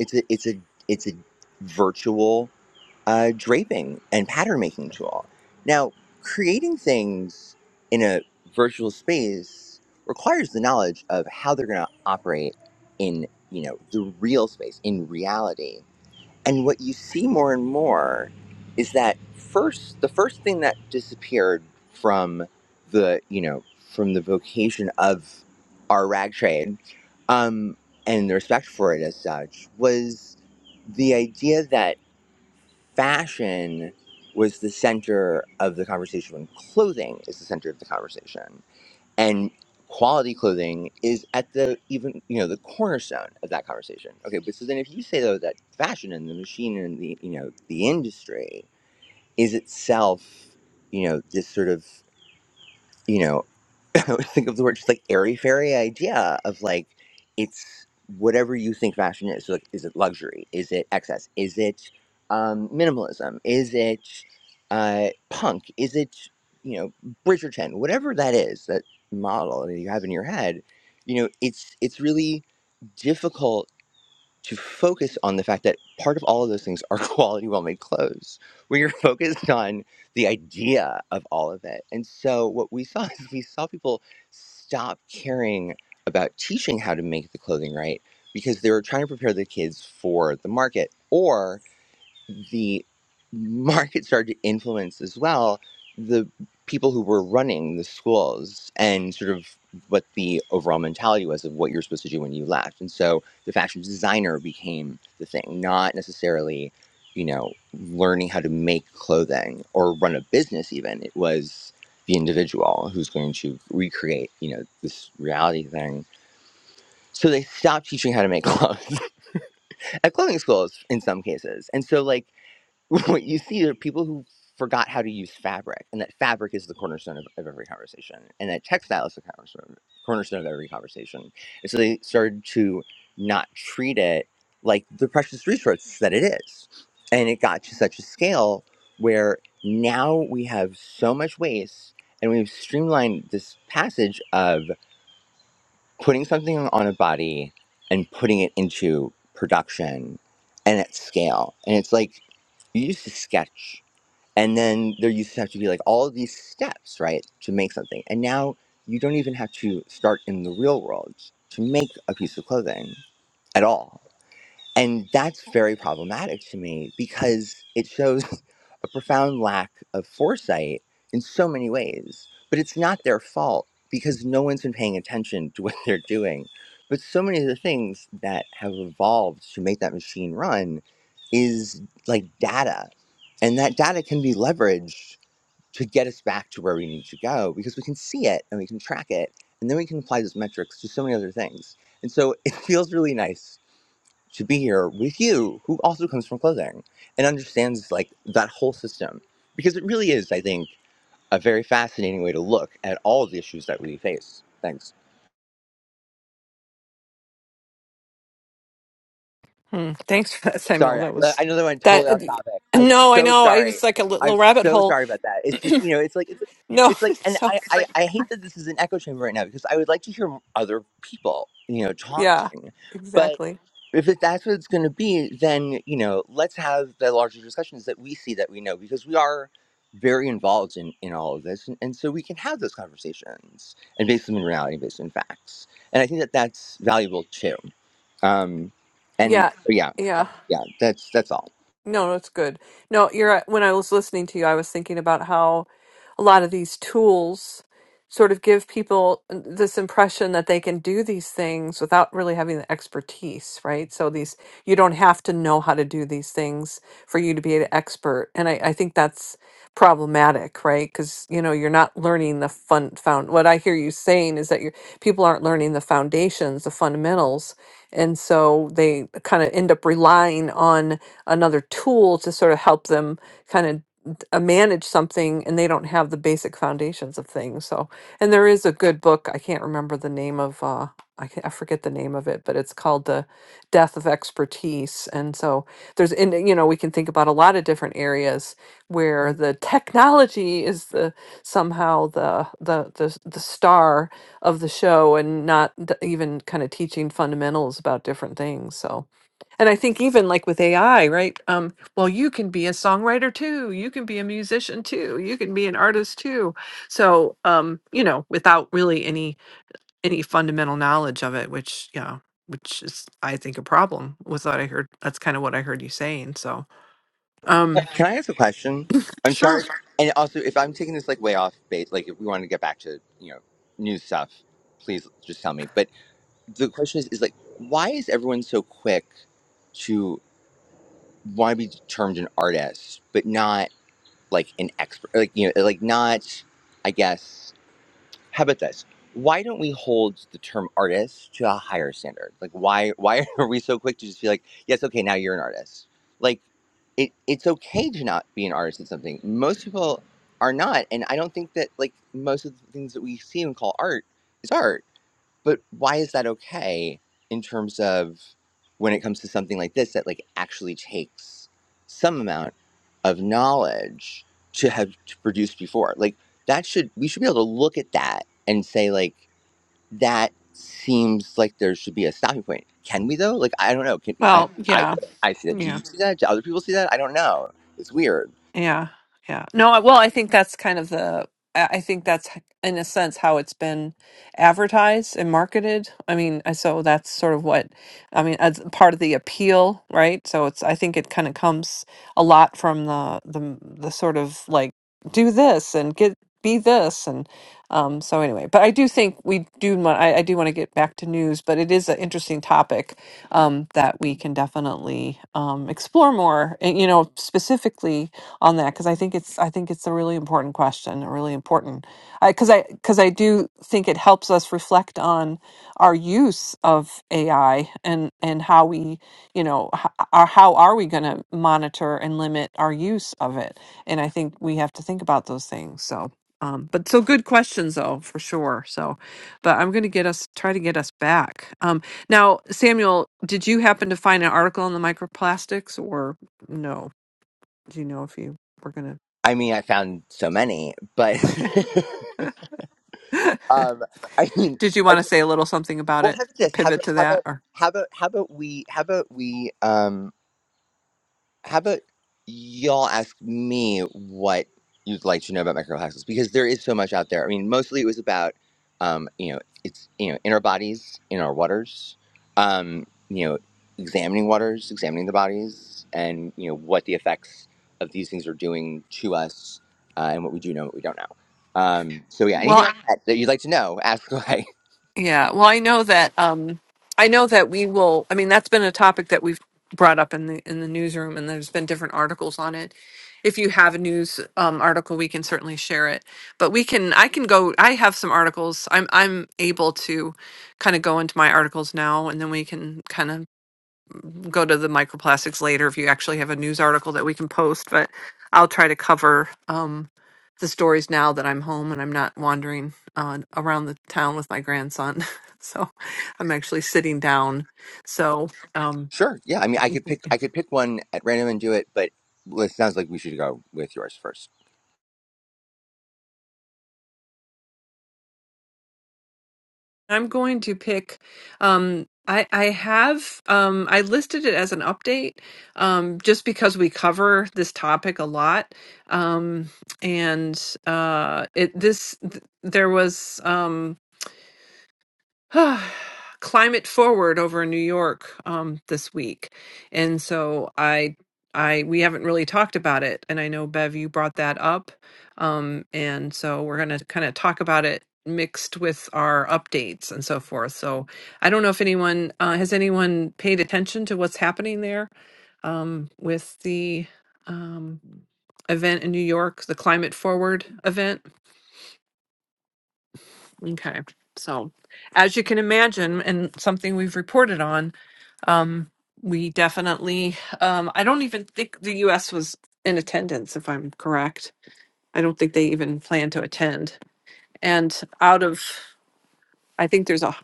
S5: it's a it's a it's a virtual uh, draping and pattern making tool. Now, creating things in a virtual space requires the knowledge of how they're going to operate in you know the real space in reality. And what you see more and more is that first the first thing that disappeared from the you know from the vocation of our rag trade um, and the respect for it as such was the idea that fashion was the center of the conversation when clothing is the center of the conversation and quality clothing is at the even you know the cornerstone of that conversation okay but so then if you say though that fashion and the machine and the you know the industry is itself you know this sort of you know I always think of the word just like airy fairy idea of like it's whatever you think fashion is. So, Like, is it luxury? Is it excess? Is it um, minimalism? Is it uh, punk? Is it you know Bridgerton? Whatever that is, that model that you have in your head, you know, it's it's really difficult to focus on the fact that part of all of those things are quality, well made clothes, where you're focused on the idea of all of it. And so what we saw is we saw people stop caring about teaching how to make the clothing right because they were trying to prepare the kids for the market. or the market started to influence as well the people who were running the schools and sort of what the overall mentality was of what you're supposed to do when you left. And so the fashion designer became the thing, not necessarily, you know, learning how to make clothing or run a business even. It was the individual who's going to recreate, you know, this reality thing. So they stopped teaching how to make clothes at clothing schools in some cases. And so like what you see are people who forgot how to use fabric, and that fabric is the cornerstone of, of every conversation, and that textile is the cornerstone, cornerstone of every conversation. And so they started to not treat it like the precious resource that it is. And it got to such a scale where now we have so much waste, and we've streamlined this passage of putting something on a body and putting it into production and at scale. And it's like you used to sketch and then there used to have to be like all of these steps, right, to make something. And now you don't even have to start in the real world to make a piece of clothing at all. And that's very problematic to me because it shows a profound lack of foresight in so many ways. But it's not their fault because no one's been paying attention to what they're doing. But so many of the things that have evolved to make that machine run is like data. And that data can be leveraged to get us back to where we need to go because we can see it and we can track it. And then we can apply those metrics to so many other things. And so it feels really nice to be here with you, who also comes from clothing and understands like that whole system. Because it really is, I think, a very fascinating way to look at all of the issues that we face. Thanks.
S1: Hmm. Thanks for that, Samuel.
S5: Sorry, I,
S1: That
S5: know-
S1: was
S5: I know that went
S1: that.
S5: totally off topic. I'm
S1: No, I
S5: so
S1: know. I
S5: sorry.
S1: it's like a
S5: I'm
S1: little rabbit
S5: so
S1: hole.
S5: sorry about that. It's just you know, it's like it's,
S1: No,
S5: it's like, and
S1: so
S5: I, I I hate that this is an echo chamber right now because I would like to hear m- other people, you know,
S1: yeah,
S5: talking. But
S1: exactly.
S5: if it, that's what it's going to be, then you know, let's have the larger discussions that we see that we know because we are very involved in in all of this, and, and so we can have those conversations and base them in reality, based on facts. And I think that that's valuable too. Um, and
S1: Yeah,
S5: yeah,
S1: yeah.
S5: yeah, that's that's all.
S1: No, that's good. No, you're right, when I was listening to you, I was thinking about how a lot of these tools sort of give people this impression that they can do these things without really having the expertise, right? So these you don't have to know how to do these things for you to be an expert. And I, I think that's problematic, right? Because you know, you're not learning the fun found what I hear you saying is that your people aren't learning the foundations, the fundamentals. And so they kind of end up relying on another tool to sort of help them kind of uh, manage something and they don't have the basic foundations of things so and there is a good book i can't remember the name of uh i, can, I forget the name of it but it's called the death of expertise and so there's and you know we can think about a lot of different areas where the technology is the somehow the the the, s- the star of the show and not d- even kind of teaching fundamentals about different things so and I think even like with AI, right? Um, well, you can be a songwriter too. You can be a musician too. You can be an artist too. So, um, you know, without really any any fundamental knowledge of it, which yeah, which is I think a problem. Was that I heard? That's kind of what I heard you saying. So, um,
S5: Can I ask a question? I'm
S1: sure.
S5: sorry. And also, if I'm taking this like way off base, like if we want to get back to you know new stuff, please just tell me. But the question is, is like, why is everyone so quick to want to be termed an artist, but not like an expert? Like you know, like not, I guess. How about this? Why don't we hold the term artist to a higher standard? Like, why why are we so quick to just be like, yes, okay, now you're an artist? Like, it, it's okay to not be an artist at something. Most people are not, and I don't think that like most of the things that we see and call art is art but why is that okay in terms of when it comes to something like this that like actually takes some amount of knowledge to have produced before like that should we should be able to look at that and say like that seems like there should be a stopping point can we though like i don't know can i
S1: Well,
S5: i,
S1: yeah,
S5: I see that do
S1: yeah.
S5: you see that do other people see that i don't know it's weird
S1: Yeah, yeah. No, I- well, I think that's kind of the. I I think that's h- in a sense how it's been advertised and marketed. I mean, I- so that's sort of what I mean as part of the appeal, right? So it's. I think it kind of comes a lot from the the the sort of like do this and get be this and um so anyway but i do think we do want I, I do want to get back to news but it is an interesting topic um that we can definitely um explore more and you know specifically on that because I think it's I think it's a really important question, a really important because I because I, 'cause I do think it helps us reflect on our use of AI and and how we you know h- are how are we going to monitor and limit our use of it, and I think we have to think about those things. So. Um, but so good questions though for sure so but i'm going to get us try to get us back um, now samuel did you happen to find an article on the microplastics or no do you know if you were going
S5: i mean i found so many but
S1: to?
S5: um i mean
S1: Did you want to say a little something about
S5: Well,
S1: it?
S5: how about this? How
S1: Pivot
S5: about
S1: to
S5: how about
S1: that or?
S5: how about how about we how about we um how about y'all ask me what you'd like to know about microplastics because there is so much out there. I mean, mostly it was about um you know it's you know in our bodies, in our waters, um you know examining waters, examining the bodies, and you know what the effects of these things are doing to us uh, and what we do know, what we don't know. Um, so yeah, anything
S1: Well,
S5: like that that you'd like to know, ask away.
S1: Yeah. Well, I know that um I know that we will I mean that's been a topic that we've brought up in the in the newsroom and there's been different articles on it. If you have a news um, article, we can certainly share it. But we can I can go I have some articles. I'm I'm able to kind of go into my articles now and then we can kind of go to the microplastics later if you actually have a news article that we can post, but I'll try to cover um, the stories now that I'm home and I'm not wandering uh, around the town with my grandson. So I'm actually sitting down. So um,
S5: Sure. Yeah. I mean, I could pick. I could pick one at random and do it, but well, it sounds like we should go with yours first.
S1: I'm going to pick. Um, I I have um, I listed it as an update, um, just because we cover this topic a lot, um, and uh, it this th- there was Um, climate forward over in New York um, this week, and so I, I we haven't really talked about it, and I know Bev, you brought that up, um, and so we're gonna kind of talk about it mixed with our updates and so forth. So I don't know if anyone uh, has anyone paid attention to what's happening there um, with the um, event in New York, the Climate Forward event. Okay. So, as you can imagine, and something we've reported on, um, we definitely, um, I don't even think the US was in attendance, if I'm correct. I don't think they even plan to attend. And out of, I think there's a,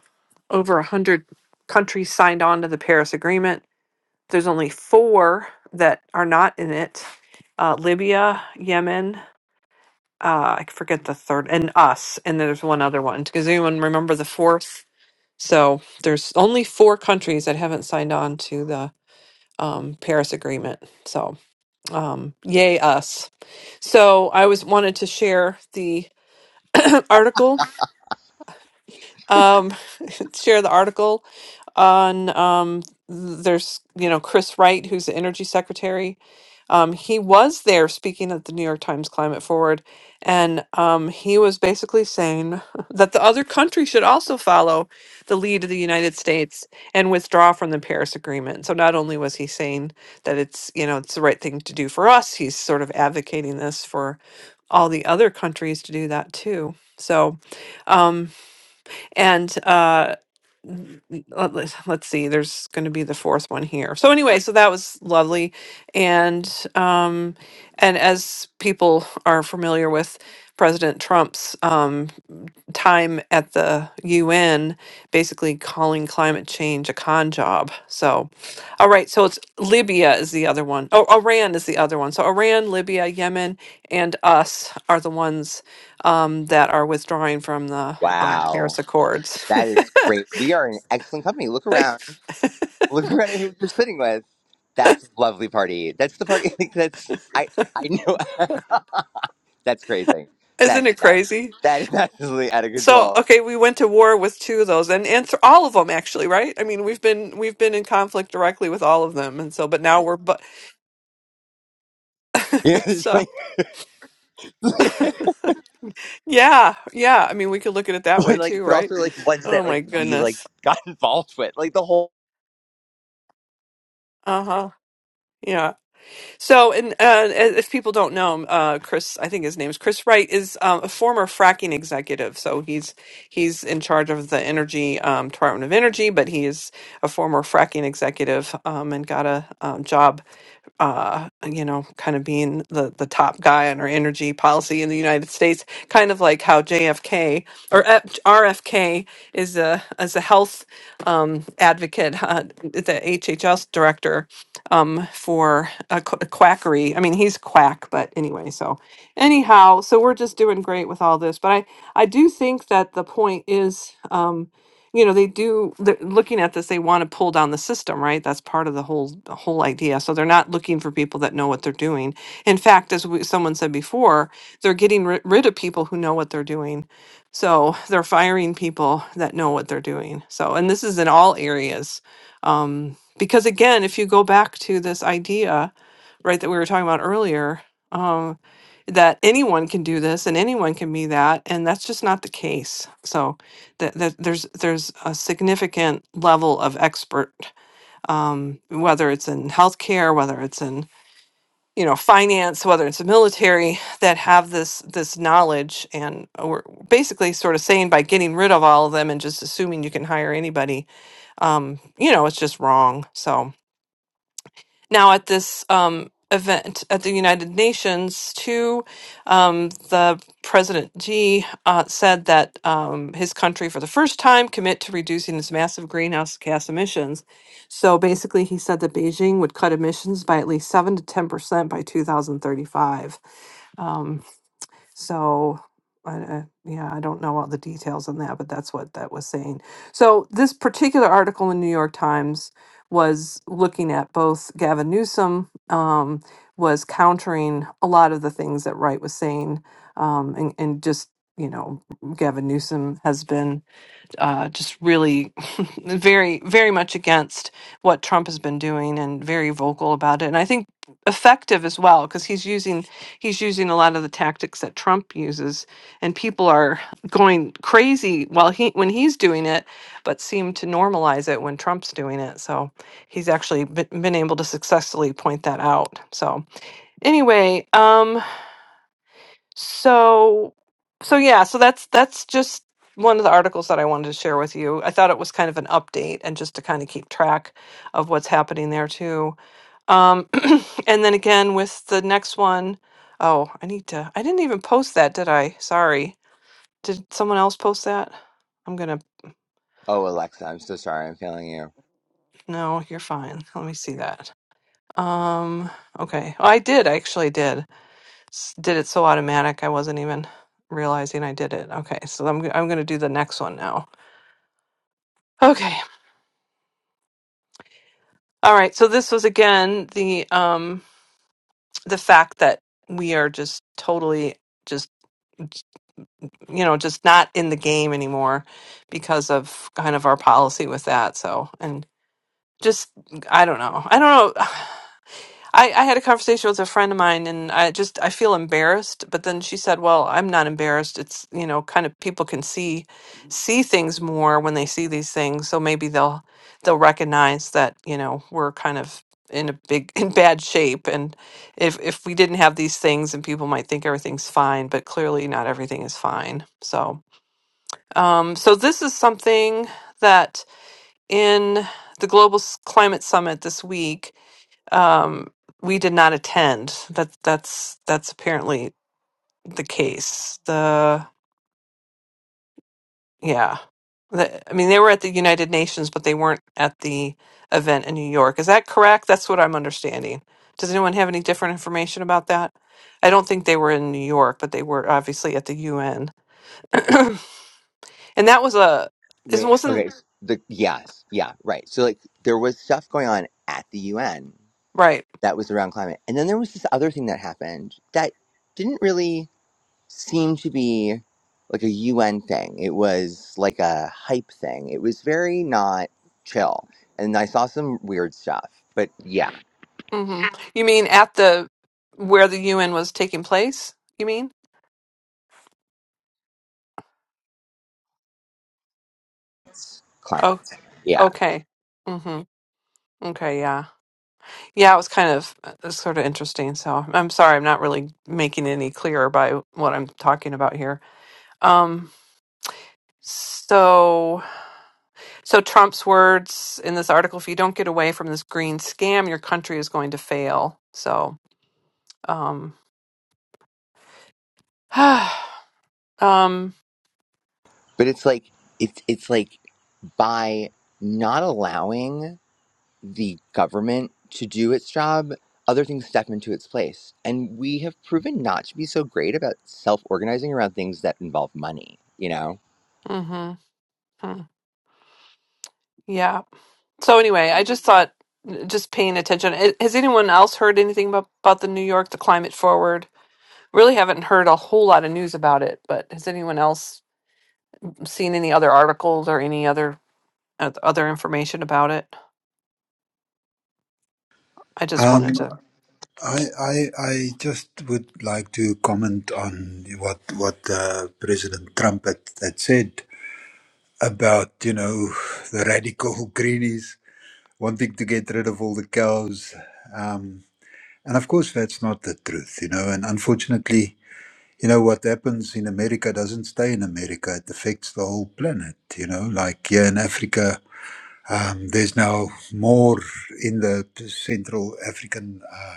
S1: over 100 countries signed on to the Paris Agreement. There's only four that are not in it uh, Libya, Yemen, uh, I forget the third, and us. And there's one other one. Does anyone remember the fourth? So there's only four countries that haven't signed on to the um, Paris Agreement. So um, yay us! So I was wanted to share the article, um, share the article on um there's you know Chris Wright who's the energy secretary um he was there speaking at the New York Times Climate Forward and um he was basically saying that the other countries should also follow the lead of the United States and withdraw from the Paris Agreement so not only was he saying that it's you know it's the right thing to do for us he's sort of advocating this for all the other countries to do that too so um and uh let- let's let's see there's going to be the fourth one here so anyway so that was lovely and um and as people are familiar with president trump's um time at the un basically calling climate change a con job so all right so it's libya is the other one. Oh, iran is the other one so iran libya yemen and us are the ones um that are withdrawing from the uh,
S5: Wow,
S1: paris accords
S5: that is great. We are in excellent company. Look around. Look around at who you're sitting with. That's a lovely party. That's the party. Like, that's I. I know. that's crazy.
S1: Isn't
S5: That's
S1: it
S5: nuts.
S1: crazy?
S5: That is absolutely out of
S1: So,
S5: control.
S1: okay, we went to war with two of those, and and th- all of them actually, right? I mean, we've been we've been in conflict directly with all of them, and so, but now we're but
S5: Yeah, it's
S1: so,
S5: like, but
S1: yeah, yeah. I mean, we could look at it that way
S5: like,
S1: too,
S5: but
S1: right?
S5: also like ones that
S1: Oh
S5: like
S1: my
S5: we like
S1: goodness.
S5: got involved with, like the whole.
S1: Uh huh. So, and uh, as- if people don't know him, uh, Chris, I think his name is Chris Wright, is um, a former fracking executive. So he's he's in charge of the energy um, Department of Energy, but he is a former fracking executive um, and got a um, job, uh, you know, kind of being the the top guy on our energy policy in the United States, kind of like how JFK or F- RFK is a as a health um, advocate, uh, the HHS director um, for a, qu- a quackery. I mean, he's quack, but anyway. So anyhow, so we're just doing great with all this. But I I do think that the point is, um, you know, they do they're looking at this. They want to pull down the system, right? That's part of the whole the whole idea. So they're not looking for people that know what they're doing. In fact, as we, someone said before, they're getting ri- rid of people who know what they're doing. So they're firing people that know what they're doing. So, and this is in all areas. Um because again if you go back to this idea right that we were talking about earlier um that anyone can do this and anyone can be that and that's just not the case so that, that there's there's a significant level of expert um whether it's in healthcare whether it's in you know finance whether it's the military that have this this knowledge and we're basically sort of saying by getting rid of all of them and just assuming you can hire anybody um you know it's just wrong so now, at this um, event at the United Nations, too, um, the President Xi uh, said that um, his country, for the first time, commit to reducing its massive greenhouse gas emissions. So basically, he said that Beijing would cut emissions by at least seven to ten percent by 2035. So, I, I, yeah, I don't know all the details on that, but that's what that was saying. So, this particular article in New York Times was looking at both Gavin Newsom um, was countering a lot of the things that Wright was saying, um, and, and just you know, Gavin Newsom has been uh, just really very, very much against what Trump has been doing and very vocal about it. And I think effective as well because he's using he's using a lot of the tactics that Trump uses, and people are going crazy while he when he's doing it, but seem to normalize it when Trump's doing it. So he's actually been, been able to successfully point that out. So anyway, um, so, so yeah, so that's that's just one of the articles that I wanted to share with you. I thought it was kind of an update and just to kind of keep track of what's happening there too. Um, and then again with the next one, oh, I need to. I didn't even post that, did I? Sorry. Did someone else post that? I'm gonna.
S5: Oh, Alexa, I'm so sorry. I'm failing you.
S1: No, you're fine. Let me see that. Um. Okay. Oh, I did. I actually did. s- did it so automatic I wasn't even realizing I did it. Okay, so I'm I'm going to do the next one now. Okay. All right. So this was again the um the fact that we are just totally just you know just not in the game anymore because of kind of our policy with that. So and just I don't know. I don't know. I, I had a conversation with a friend of mine and I just I feel embarrassed, but then she said, "Well, I'm not embarrassed. It's, you know, kind of people can see see things more when they see these things, so maybe they'll they'll recognize that, you know, we're kind of in a big in bad shape and if if we didn't have these things and people might think everything's fine, but clearly not everything is fine." So, um so this is something that in the Global S- Climate Summit this week um, we did not attend. That that's that's apparently the case. The yeah, the, I mean they were at the United Nations, but they weren't at the event in New York. Is that correct? That's what I'm understanding. Does anyone have any different information about that? I don't think they were in New York, but they were obviously at the UN, and that was a is
S5: Wait,
S1: wasn't
S5: okay. s- The yes, yeah, right. So like there was stuff going on at the UN
S1: right.
S5: that was around climate. And then there was this other thing that happened that didn't really seem to be like a UN thing. It was like a hype thing. It was very not chill. And I saw some weird stuff. But yeah,
S1: hmm You mean at the where the UN was taking place? You mean? Oh,
S5: climate. Yeah.
S1: okay. hmm Okay, yeah. Yeah, it was kind of uh, sort of interesting. So I'm sorry, I'm not really making it any clearer by what I'm talking about here. Um, so, so Trump's words in this article: "If you don't get away from this green scam, your country is going to fail." So, um, um,
S5: But it's like it's it's like by not allowing the government to do its job, other things step into its place. And we have proven not to be so great about self organizing around things that involve money, you know?
S1: mhm, hmm yeah. So anyway, I just thought, just paying attention. I- Has anyone else heard anything about about the New York, the climate forward? Really haven't heard a whole lot of news about it, but has anyone else? seen any other articles or any other uh, other information about it. I just wanted
S4: Um,
S1: to.
S4: I I I just would like to comment on what what uh, President Trump had, had said about you know the radical greenies wanting to get rid of all the cows. Um, and of course, that's not the truth, you know. And unfortunately, you know what happens in America doesn't stay in America. It affects the whole planet, you know. Like here in Africa, Um, there's now more in the Central African uh,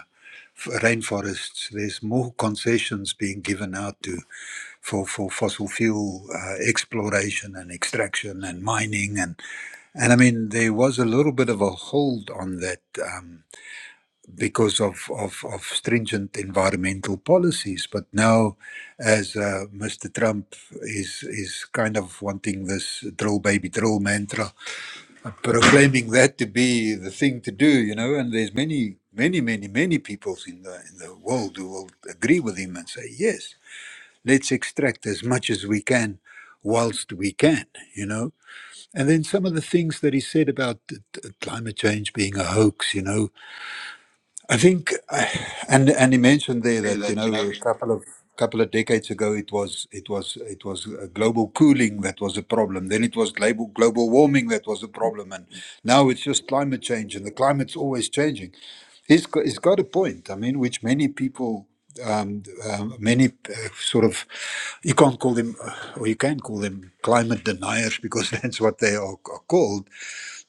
S4: f- rainforests. There's more concessions being given out to for for fossil fuel uh, exploration and extraction and mining and and I mean there was a little bit of a hold on that um, because of, of of stringent environmental policies. But now, as uh, Mr. Trump is is kind of wanting this drill baby drill mantra proclaiming that to be the thing to do, you know. And there's many, many, many, many people in the in the world who will agree with him and say, yes, let's extract as much as we can, whilst we can, you know. And then some of the things that he said about uh, t- climate change being a hoax, you know, I think, uh, and and he mentioned there
S1: Hey,
S4: that you
S1: that you
S4: know
S1: know,
S4: a couple of couple of decades ago it was it was it was uh, global cooling that was a problem. Then it was global global warming that was a problem, and now it's just climate change, and the climate's always changing. He's got, he's got a point. I mean, which many people. Um, um, many uh, sort of you can't call them uh, or you can call them climate deniers because that's what they are, are called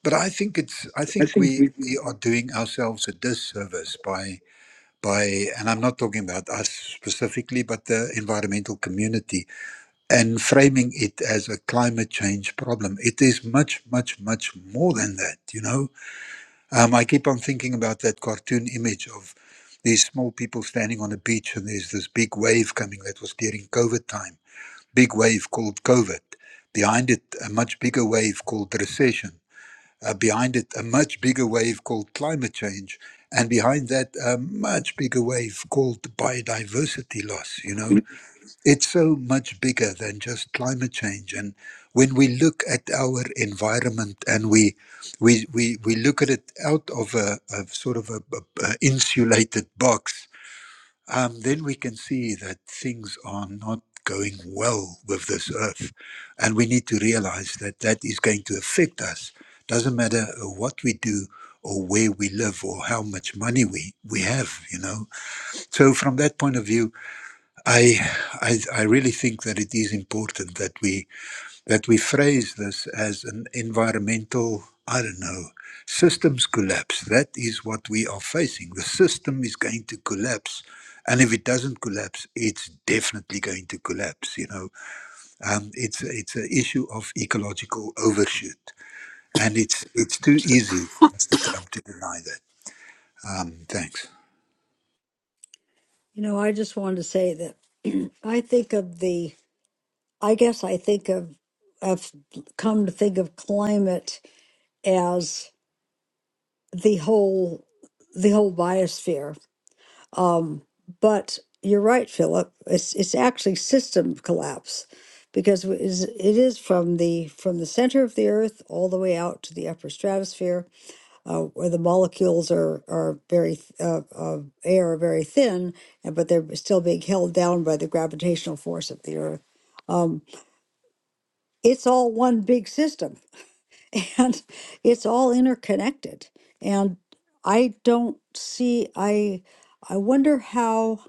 S4: but i think it's i
S1: I
S4: think
S1: think
S4: we
S1: we.
S4: we are doing ourselves a disservice by by, and I'm not talking about us specifically, but the environmental community, and framing it as a climate change problem. It is much, much, much more than that, you know? Um, I keep on thinking about that cartoon image of these small people standing on a beach, and there's this big wave coming that was during COVID time, big wave called COVID. Behind it, a much bigger wave called recession uh, behind it a much bigger wave called climate change, and behind that a much bigger wave called biodiversity loss. You know, it's so much bigger than just climate change. And when we look at our environment and we we we, we look at it out of a, a sort of a, a a insulated box, um, then we can see that things are not going well with this earth. And we need to realize that that is going to affect us. Doesn't matter uh, what we do or where we live or how much money we, we have, you know. So from that point of view, I, I I really think that it is important that we that we phrase this as an environmental, I don't know, systems collapse. That is what we are facing. The system is going to collapse. And if it doesn't collapse, it's definitely going to collapse. You know, um, it's it's an issue of ecological overshoot, and it's it's too easy for Mr. Trump to deny that. Um, thanks.
S2: You know, I just wanted to say that I think of the, I guess I think of, I've come to think of climate as the whole, the whole biosphere. Um, but you're right, Philip. It's it's actually system collapse, because it is, it is from the from the center of the Earth all the way out to the upper stratosphere, uh, where the molecules are are very th- uh, of air are very thin, and but they're still being held down by the gravitational force of the Earth. Um, it's all one big system, and it's all interconnected. And I don't see. I I wonder how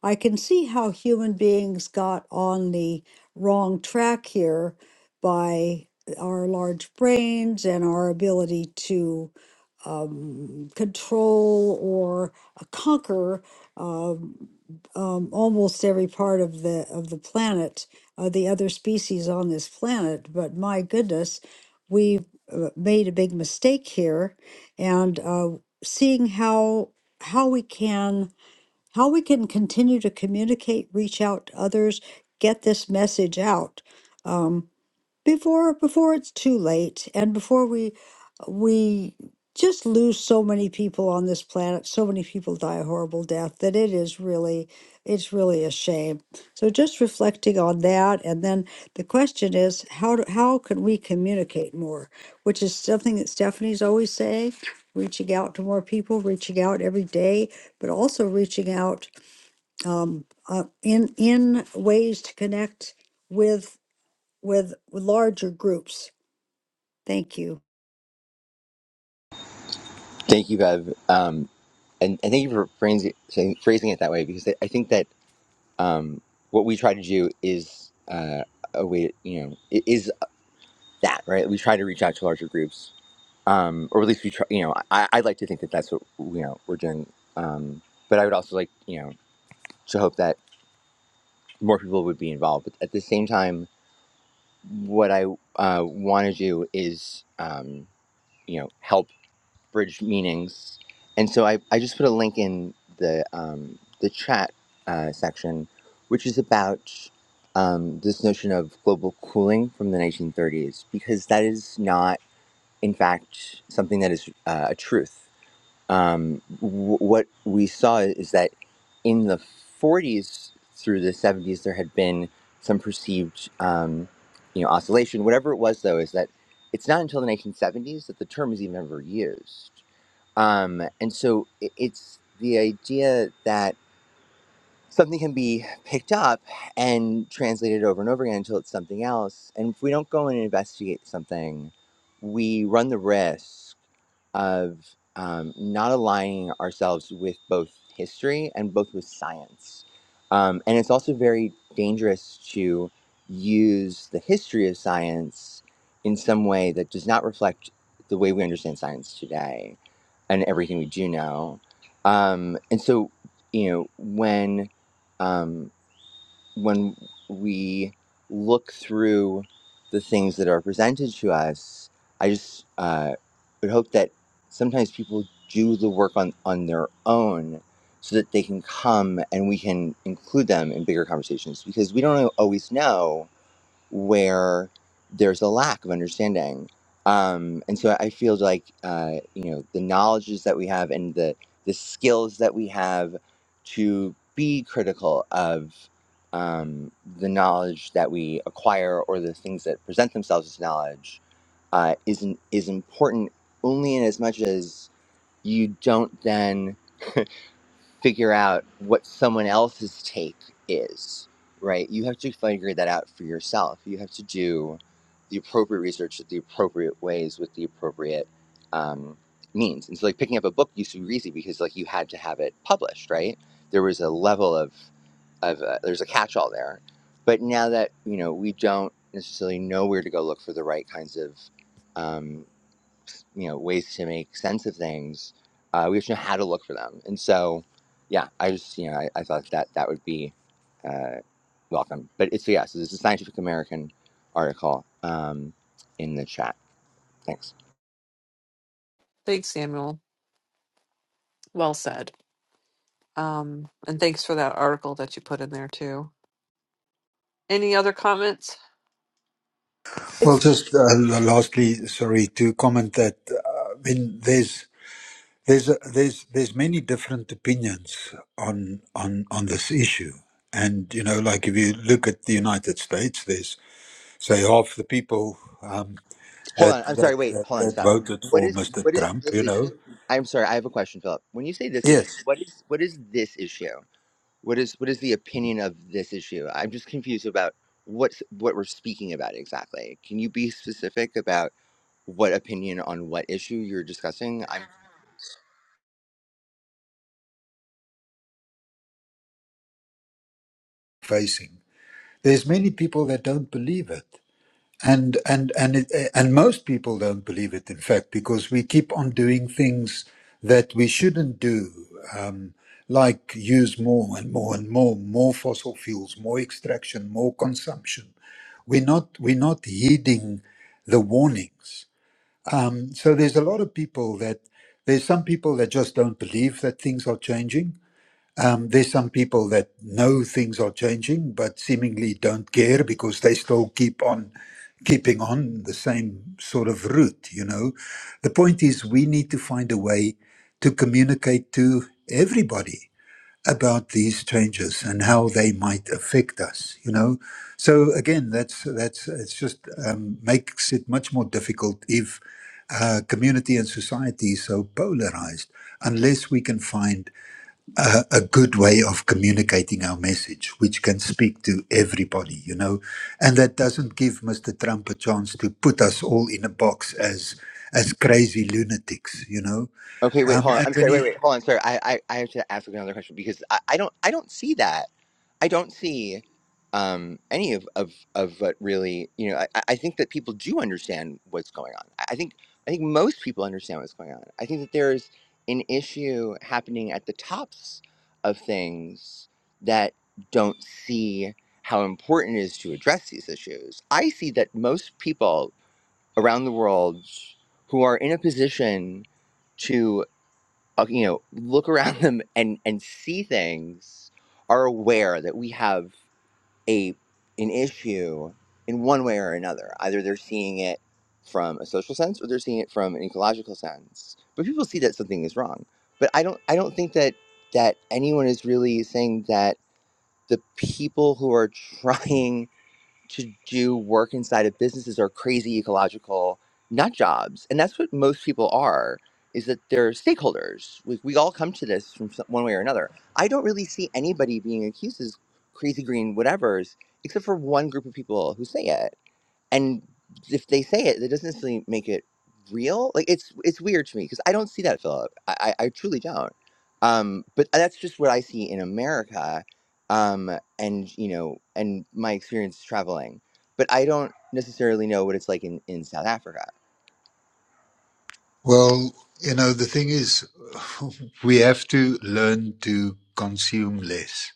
S2: I can see how human beings got on the wrong track here by our large brains and our ability to um, control or uh, conquer um, um, almost every part of the of the planet, uh, the other species on this planet. But my goodness, we uh, made a big mistake here, and uh, seeing how how we can how we can continue to communicate, reach out to others, get this message out. um, before before it's too late and before we we just lose so many people on this planet so many people die a horrible death that it is really it's really a shame so just reflecting on that and then the question is how do, how can we communicate more which is something that stephanie's always saying reaching out to more people reaching out every day but also reaching out um, uh, in in ways to connect with with larger groups. Thank you.
S5: Thank you, Bev. Um, and, and thank you for phrasing, phrasing it that way because I I think that um, what we try to do is uh, a way, you know, i- is that, right? We try to reach out to larger groups. Um, or at least we try, you know, I, I'd like to think that that's what, you know, we're doing. Um, but I would also like, you know, to hope that more people would be involved. But at the same time, what I uh, want to do is, um, you know, help bridge meanings. And so I, I just put a link in the um, the chat uh, section, which is about um, this notion of global cooling from the 1930s, because that is not, in fact, something that is uh, a truth um, w- what we saw is that in the 40s through the 70s, there had been some perceived, um, you know, oscillation. Whatever it was, though, is that it's not until the 1970s that the term is even ever used. Um, and so i- it's the idea that something can be picked up and translated over and over again until it's something else. And if we don't go and investigate something, we run the risk of um, not aligning ourselves with both history and both with science. Um, and it's also very dangerous to use the history of science in some way that does not reflect the way we understand science today and everything we do know. Um, and so, you know, when um, when we look through the things that are presented to us, I just uh, would hope that sometimes people do the work on, on their own so that they can come and we can include them in bigger conversations because we don't always know where there's a lack of understanding. Um, and so I feel like uh, you know the knowledges that we have and the the skills that we have to be critical of um, the knowledge that we acquire or the things that present themselves as knowledge uh, is is important only in as much as you don't then figure out what someone else's take is, right? You have to figure that out for yourself. You have to do the appropriate research in the appropriate ways with the appropriate um, means. And so, like picking up a book used to be easy because like you had to have it published, right? There was a level of of uh, there's a catch-all there, but now that you know we don't necessarily know where to go look for the right kinds of um, you know ways to make sense of things uh, we have to know how to look for them and so yeah i just you know i, I thought that that would be uh, welcome but it's yeah so this is a scientific american article um, in the chat thanks
S1: Thanks, Samuel. Well said. Um, and thanks for that article that you put in there too. Any other comments?
S4: Well, just uh, lastly, sorry to comment that uh, I mean, there's There's a, there's there's many different opinions on on on this issue, and you know, like if you look at the United States, there's say half the people um,
S5: hold
S4: that,
S5: on i'm sorry
S4: that
S5: wait
S4: that
S5: hold on
S4: that
S5: stop
S4: voted
S5: what
S4: for
S5: is
S4: Mr.
S5: what is
S4: Trump,
S5: this
S4: you
S5: issue
S4: know,
S5: i'm sorry i have a question philip when you say this issue
S4: yes,
S5: what is what is this issue What is what is the opinion of this issue? I'm just confused about what's what we're speaking about exactly. Can you be specific about what opinion on what issue you're discussing? I'm
S4: facing. There's many people that don't believe it, and and and it, and most people don't believe it in fact because we keep on doing things that we shouldn't do um like use more and more and more more fossil fuels more extraction more consumption we're not we're not heeding the warnings um so there's a lot of people that there's some people that just don't believe that things are changing um, there's some people that know things are changing, but seemingly don't care because they still keep on keeping on the same sort of route, you know. The point is, we need to find a way to communicate to everybody about these changes and how they might affect us, you know. So again, that's that's it's just um, makes it much more difficult if uh, community and society is so polarized, unless we can find a, a good way of communicating our message, which can speak to everybody, you know. And that doesn't give Mr. Trump a chance to put us all in a box as as crazy lunatics, you know.
S5: Okay, wait,
S4: Um,
S5: hold on.
S4: and
S5: I'm
S4: when
S5: sorry.
S4: he
S5: Wait, wait, hold on. Sorry, I, I, I have to ask another question because I, I don't, I don't see that. I don't see um, any of, of, of what really, you know. I, I I think that people do understand what's going on. I I think, I think most people understand what's going on. I think that there's an issue happening at the tops of things that don't see how important it is to address these issues. I see that most people around the world who are in a position uh, you know look around them and and see things are aware that we have a an issue in one way or another either they're seeing it from a social sense or they're seeing it from an ecological sense but people see that something is wrong but i don't i don't think that that anyone is really saying that the people who are trying to do work inside of businesses are crazy ecological nut jobs and that's what most people are is that they're stakeholders we, we all come to this from some- one way or another i don't really see anybody being accused as crazy green whatevers except for one group of people who say it and if they say it, that doesn't necessarily make it real. Like it's it's weird to me because I don't see that, Philip. I, I I truly don't. Um, but that's just what I see in America, um, and you know, and my experience traveling. But I don't necessarily know what it's like in in South Africa.
S4: Well, you know, the thing is, we have to learn to consume less.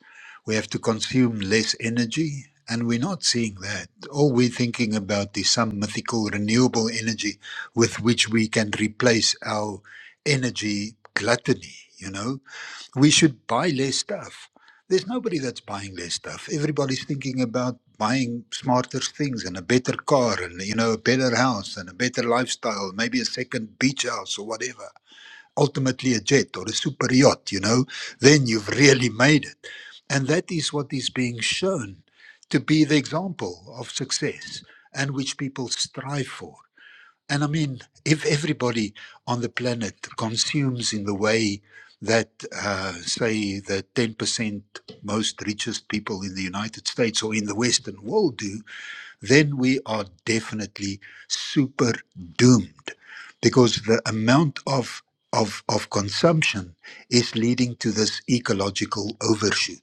S4: We have to consume less energy, and we're not seeing that. All we're thinking about is some mythical renewable energy with which we can replace our energy gluttony, you know? We should buy less stuff there's nobody that's buying less stuff. Everybody's thinking about buying smarter things and a better car and you know a better house and a better lifestyle, maybe a second beach house or whatever. Ultimately, a jet or a super yacht. You know, then you've really made it, and that is what is being shown to be the example of success and which people strive for. And I mean, if everybody on the planet consumes in the way that, uh, say, the 10% most richest people in the United States or in the Western world do, then we are definitely super doomed because the amount of, of, of consumption is leading to this ecological overshoot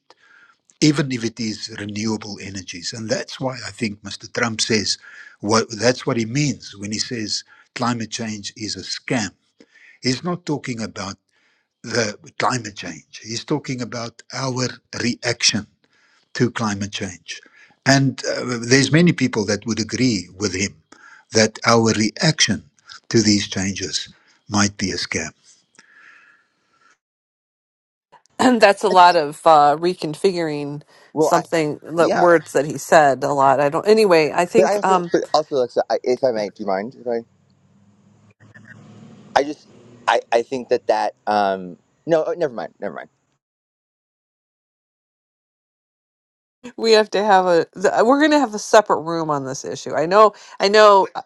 S4: even if it is renewable energies. And that's why I think Mr. Trump says what that's what he means when he says climate change is a scam. He's not talking about the climate change. He's talking about our reaction to climate change. And uh, there's many people that would agree with him that our reaction to these changes might be a scam.
S1: And That's a lot of uh, reconfiguring
S5: Well, I
S1: something, the
S5: yeah.
S1: words that he said a lot. I don't, anyway, I
S5: But I
S1: think
S5: also,
S1: um,
S5: but also, Alexa, I, if I may, do you mind? If I, I just, I, I think that that, um, no, oh, never mind, never mind.
S1: we have to have a, the, we're going to have a separate room on this issue. I know, I know, uh,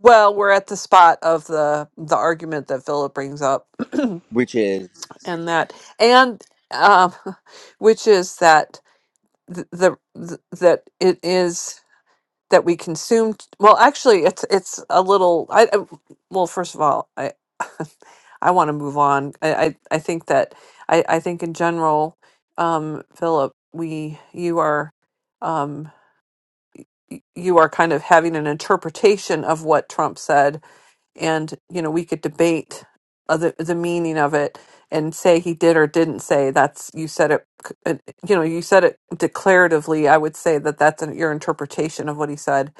S1: well, we're at the spot of the, the argument that Philip brings up
S5: Which is,
S1: and that and um, which is that th- the, the that it is that we consume t- well actually it's it's a little i I- well first of all i i want to move on I, I i think that i i think in general um philip we you are um y- you are kind of having an interpretation of what trump said and you know we could debate other the meaning of it and say he did or didn't say that's you said it c- uh, you know you said it declaratively i would say that that's an, your interpretation of what he said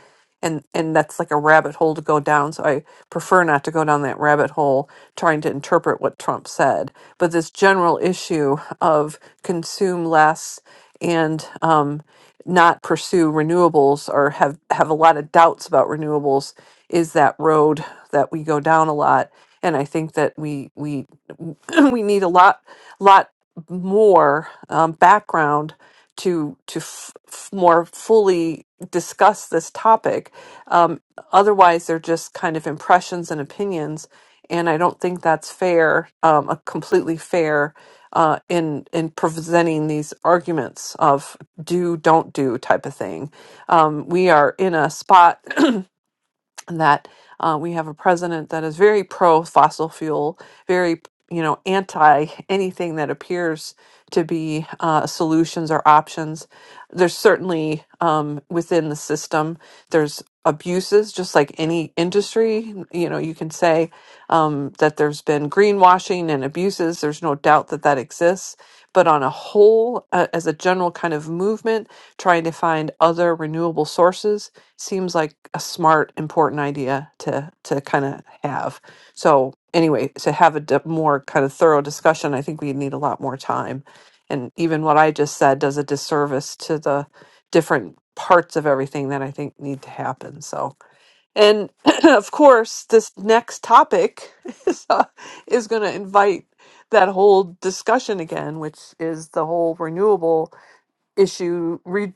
S1: and and that's like a rabbit hole to go down so i prefer not to go down that rabbit hole trying to interpret what trump said but this general issue of consume less and um not pursue renewables or have have a lot of doubts about renewables is that road that we go down a lot and i think that we we we need a lot lot more um, background to to f- f- more fully discuss this topic um, otherwise they're just kind of impressions and opinions and i don't think that's fair um, a completely fair uh, in in presenting these arguments of do don't do type of thing um, we are in a spot that uh, we have a president that is very pro fossil fuel, very you know anti anything that appears to be uh, solutions or options. There's certainly um, within the system there's abuses, just like any industry. You know, you can say um, that there's been greenwashing and abuses. There's no doubt that that exists. But on a whole, uh, as a general kind of movement, trying to find other renewable sources seems like a smart important idea to to kind of have so anyway to have a di- more kind of thorough discussion i think we need a lot more time and even what i just said does a disservice to the different parts of everything that i think need to happen so and of course this next topic is, uh, is going to invite that whole discussion again which is the whole renewable issue re-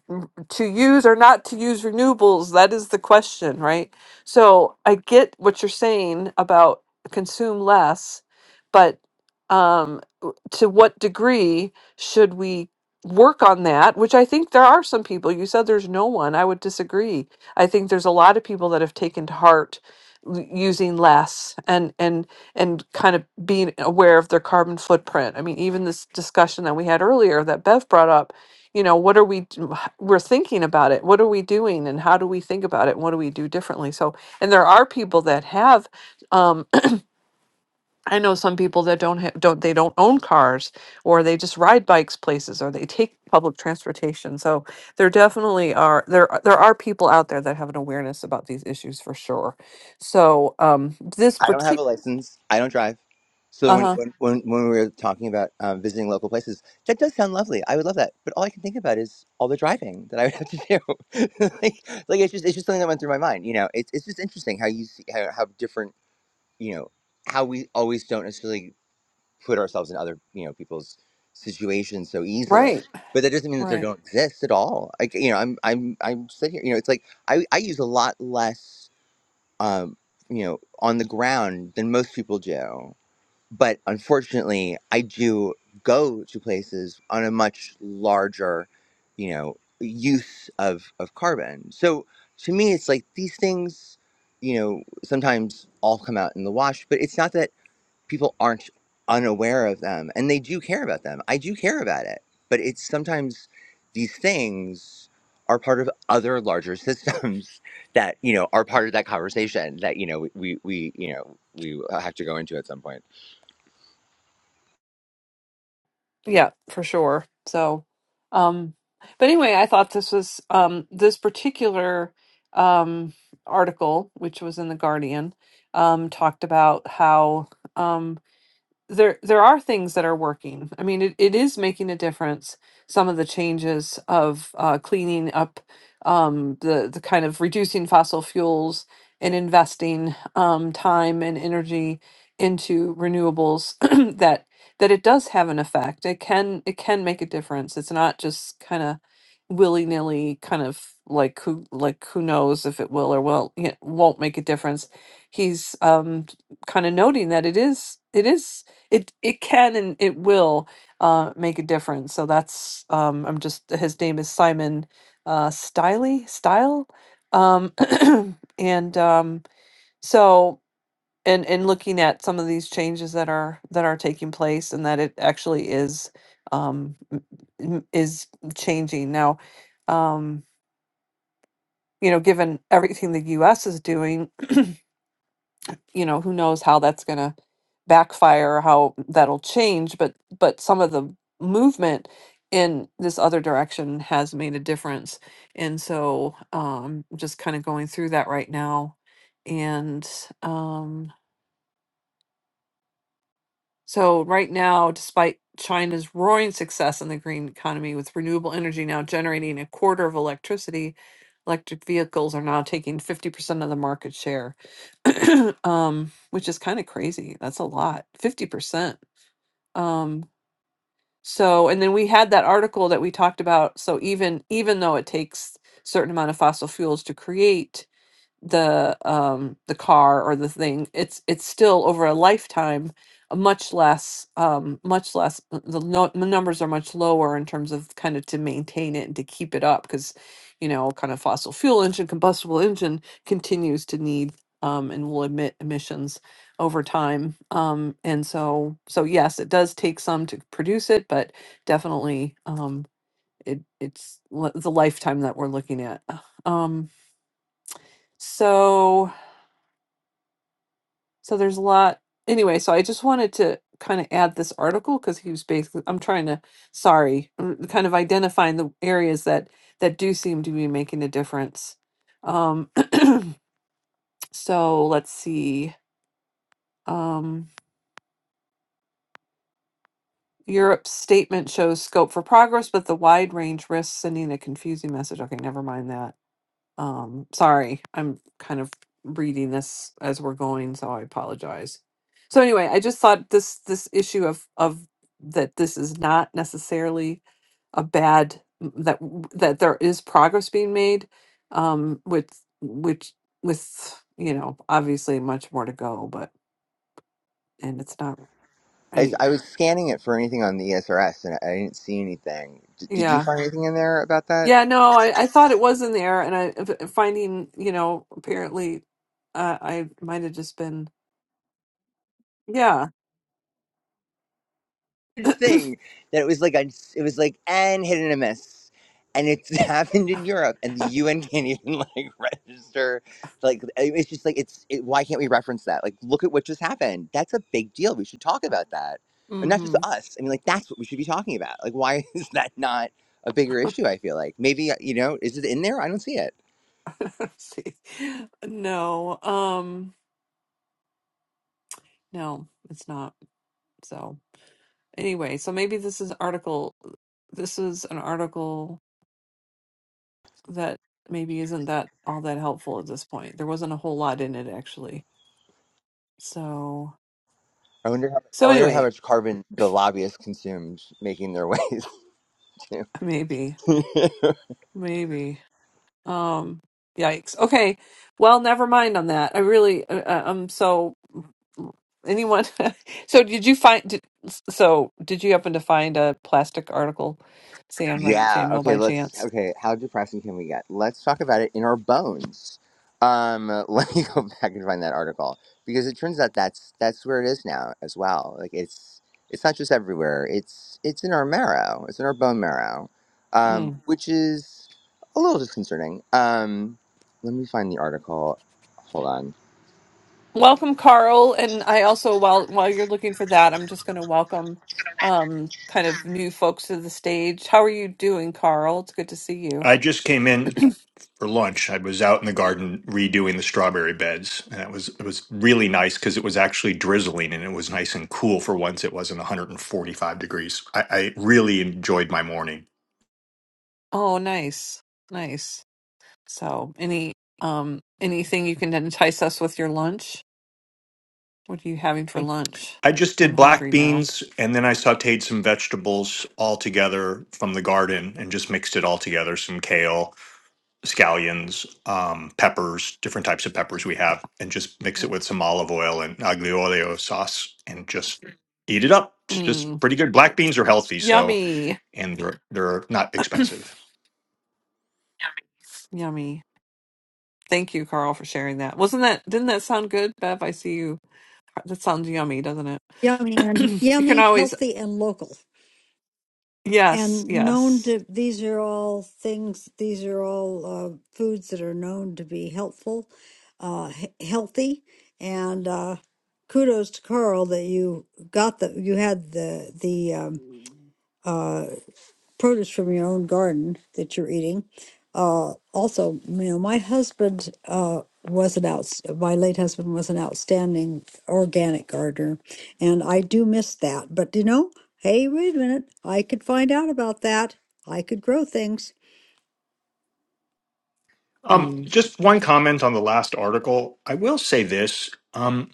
S1: to use or not to use renewables that is the question right so i get what you're saying about consume less but um w- to what degree should we work on that which i think there are some people you said there's no one i would disagree i think there's a lot of people that have taken to heart l- using less and and and kind of being aware of their carbon footprint i mean even this discussion that we had earlier that bev brought up you know what are we d- we're thinking about it what are we doing and how do we think about it and what do we do differently so and there are people that have um i know some people that don't have don't they don't own cars or they just ride bikes places or they take public transportation so there definitely are there are- there are people out there that have an awareness about these issues for sure so um this
S5: I don't have
S1: particular
S5: a license. I don't drive. So when
S1: uh-huh
S5: when when, when we were talking about um, visiting local places, that does sound lovely. I would love that. But all I can think about is all the driving that I would have to do. like, like it's just, it's just something that went through my mind. You know, it's, it's just interesting how you see how, how different, you know, how we always don't necessarily. put ourselves in other you know people's situations so easily
S1: right
S5: but that doesn't mean that they
S1: right
S5: don't exist at all like you know i'm i'm i'm sitting here you know it's like i i use a lot less um you know on the ground than most people do but unfortunately i do go to places on a much larger you know use of of carbon so to me it's like these things you know sometimes all come out in the wash but it's not that people aren't unaware of them and they do care about them. I do care about it, but it's sometimes these things are part of other larger systems that you know are part of that conversation that you know we we you know we have to go into at some point.
S1: Yeah, for sure. So, um, but anyway, I thought this was um, this particular um, article, which was in the Guardian, um, talked about how um, there there are things that are working. I mean, it, it is making a difference. Some of the changes of uh, cleaning up um, the the kind of reducing fossil fuels and investing um, time and energy into renewables that that it does have an effect. It can it can make a difference. It's not just kind of willy nilly, kind of like who like who knows if it will or will it won't make a difference. He's um, kind of noting that it is it is it it can and it will uh, make a difference. So that's um, I'm just his name is Simon uh, Stiley Style, um, and um, so and and looking at some of these changes that are that are taking place and that it actually is um, m- m- is changing now. Um, you know, given everything the U.S. is doing. you know who knows how that's going to backfire how that'll change but but some of the movement in this other direction has made a difference and so um just kind of going through that right now and um, so, right now, despite China's roaring success in the green economy, with renewable energy now generating a quarter of electricity, electric vehicles are now taking 50% of the market share, um, which is kind of crazy. That's a lot, 50%. Um, so, and then we had that article that we talked about. So, even even though it takes certain amount of fossil fuels to create the um the car or the thing it's it's still over a lifetime a much less um much less uh, the no, the numbers are much lower in terms of kind of to maintain it and to keep it up because you know kind of fossil fuel engine combustible engine continues to need um and will emit emissions over time um and so so yes it does take some to produce it but definitely um it it's li- the lifetime that we're looking at um so So there's a lot. Anyway, so I just wanted to kind of add this article because he was basically, I'm trying to, sorry, mm, kind of identifying the areas that that do seem to be making a difference. Um, so let's see. Um, Europe's statement shows scope for progress, but the wide range risks sending a confusing message. Okay, never mind that. Um, sorry, I'm kind of reading this as we're going, so I apologize. So anyway, I just thought this this issue of of that this is not necessarily a bad that w- that there is progress being made um with which with you know obviously much more to go but and it's not
S5: I,
S1: any
S5: I was scanning it for anything on the ESRS and I didn't see anything. D- did you
S1: yeah
S5: find anything in there about that
S1: yeah no i i thought it was in there and i f- finding you know apparently uh, i might have just been yeah
S5: Huge thing? That it was like a, it was like and hit and a miss, and it's happened in Europe, and the UN can't even like register. Like I- it's just like it's it, why can't we reference that? Like look at what just happened. That's a big deal. We should talk about that, and not just
S1: Mm-hmm.
S5: us. I mean, like that's what we should be talking about. Like why is that not a bigger issue? I feel like maybe uh, you know is it in there? I don't see it.
S1: See, no, um, no, it's not. So anyway, so maybe this is article. This is an article that maybe isn't that all that helpful at this point. There wasn't a whole lot in it actually. So,
S5: I wonder. How, I
S1: so
S5: wonder how
S1: anyway,
S5: much carbon the lobbyists consumed making their ways to.
S1: maybe, maybe. Um, yikes. Okay. Well, never mind on that. I really, uh, uh, um, so anyone, so did you find, did, so did you happen to find a plastic article, Sam, uh,
S5: yeah.
S1: Samuel,
S5: Okay.
S1: by
S5: Let's.
S1: chance?
S5: Okay. How depressing can we get? Let's talk about it in our bones. Um. Let me go back and find that article because it turns out that's that's where it is now as well. Like it's it's not just everywhere. It's it's in our marrow. It's in our bone marrow,
S1: Hmm.
S5: um, which is a little disconcerting. Um. Let me find the article. Hold on.
S1: Welcome, Carl. And I also, while while you're looking for that, I'm just going to welcome um, kind of new folks to the stage. How are you doing, Carl? It's good to see you.
S7: I just came in for lunch. I was out in the garden redoing the strawberry beds, and it was it was really nice because it was actually drizzling and it was nice and cool for once. It wasn't 145 degrees. I, I really enjoyed my morning.
S1: Oh, nice, nice. So, any um, anything you can entice us with your lunch? What are you having for lunch?
S7: I just
S1: I'm
S7: did black
S1: hungry now.
S7: beans and then I sauteed some vegetables all together from the garden and just mixed it all together, some kale scallions, um, peppers, different types of peppers we have, and just mix it with some olive oil and aglio olio sauce, and just eat it up. It's just
S1: Mm,
S7: pretty good. Black beans are healthy, so
S1: yummy,
S7: and they're they're not expensive.
S1: yummy. Thank you, Carl, for sharing that. Wasn't that? Didn't that sound good, Bev? I see you. That sounds yummy, doesn't it?
S2: Yummy and
S1: you can
S2: yummy,
S1: always
S2: healthy and local.
S1: Yes,
S2: And known
S1: yes.
S2: to these are all things, these are all uh, foods that are known to be helpful, uh, he- healthy. And uh, kudos to Carl that you got the, you had the, the um, uh, produce from your own garden that you're eating. Uh, also, you know, my husband uh, was an out, my late husband was an outstanding organic gardener, and I do miss that. But you know, hey, wait a minute, I could find out about that. I could grow things.
S7: Um,
S1: Mm.
S7: just one comment on the last article. I will say this. Um,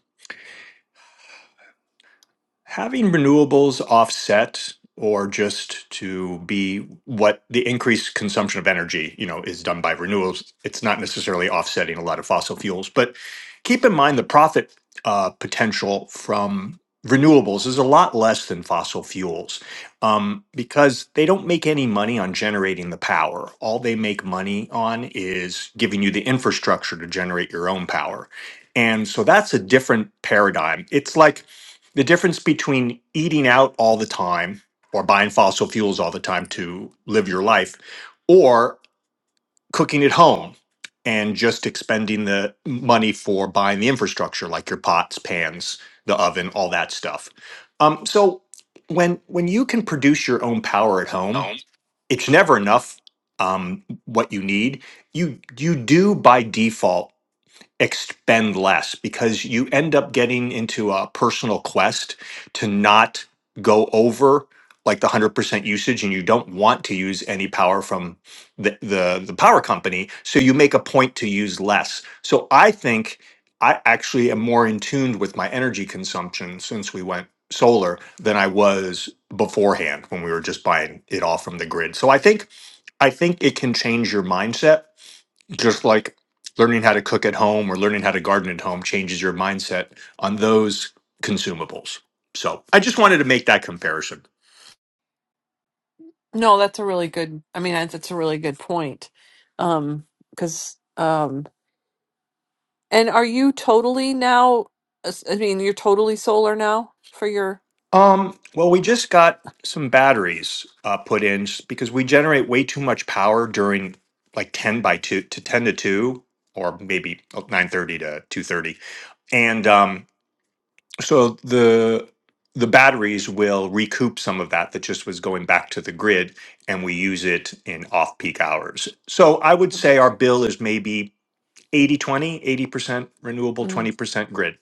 S7: Having renewables offset or just to be what the increased consumption of energy, you know, is done by renewables, it's not necessarily offsetting a lot of fossil fuels. But keep in mind the profit uh, potential from renewables is a lot less than fossil fuels um, because they don't make any money on generating the power. All they make money on is giving you the infrastructure to generate your own power. And so that's a different paradigm. It's like the difference between eating out all the time or buying fossil fuels all the time to live your life or cooking at home and just expending the money for buying the infrastructure like your pots pans the oven all that stuff um, so when when you can produce your own power at home
S1: Home.
S7: it's never enough um, what you need you you do by default expend less because you end up getting into a personal quest to not go over like the 100% usage and you don't want to use any power from the, the the power company so you make a point to use less so i think i actually am more in tune with my energy consumption since we went solar than i was beforehand when we were just buying it all from the grid so i think i think it can change your mindset just like learning how to cook at home or learning how to garden at home changes your mindset on those consumables. So I just wanted to make that comparison.
S1: No, that's a really good. I mean, that's, that's a really good point. Um, because um, and are you totally now? as- I mean, you're totally solar now for your.
S7: Um, well, we just got some batteries uh, put in s- because we generate way too much power during like 10 by 2 to 10 to 2 or maybe 9.30 to 2.30 and um, So the the batteries will recoup some of that that just was going back to the grid, and we use it in off-peak hours. So I would say our bill is maybe eighty twenty, eighty percent renewable,
S1: Mm.
S7: 20% grid.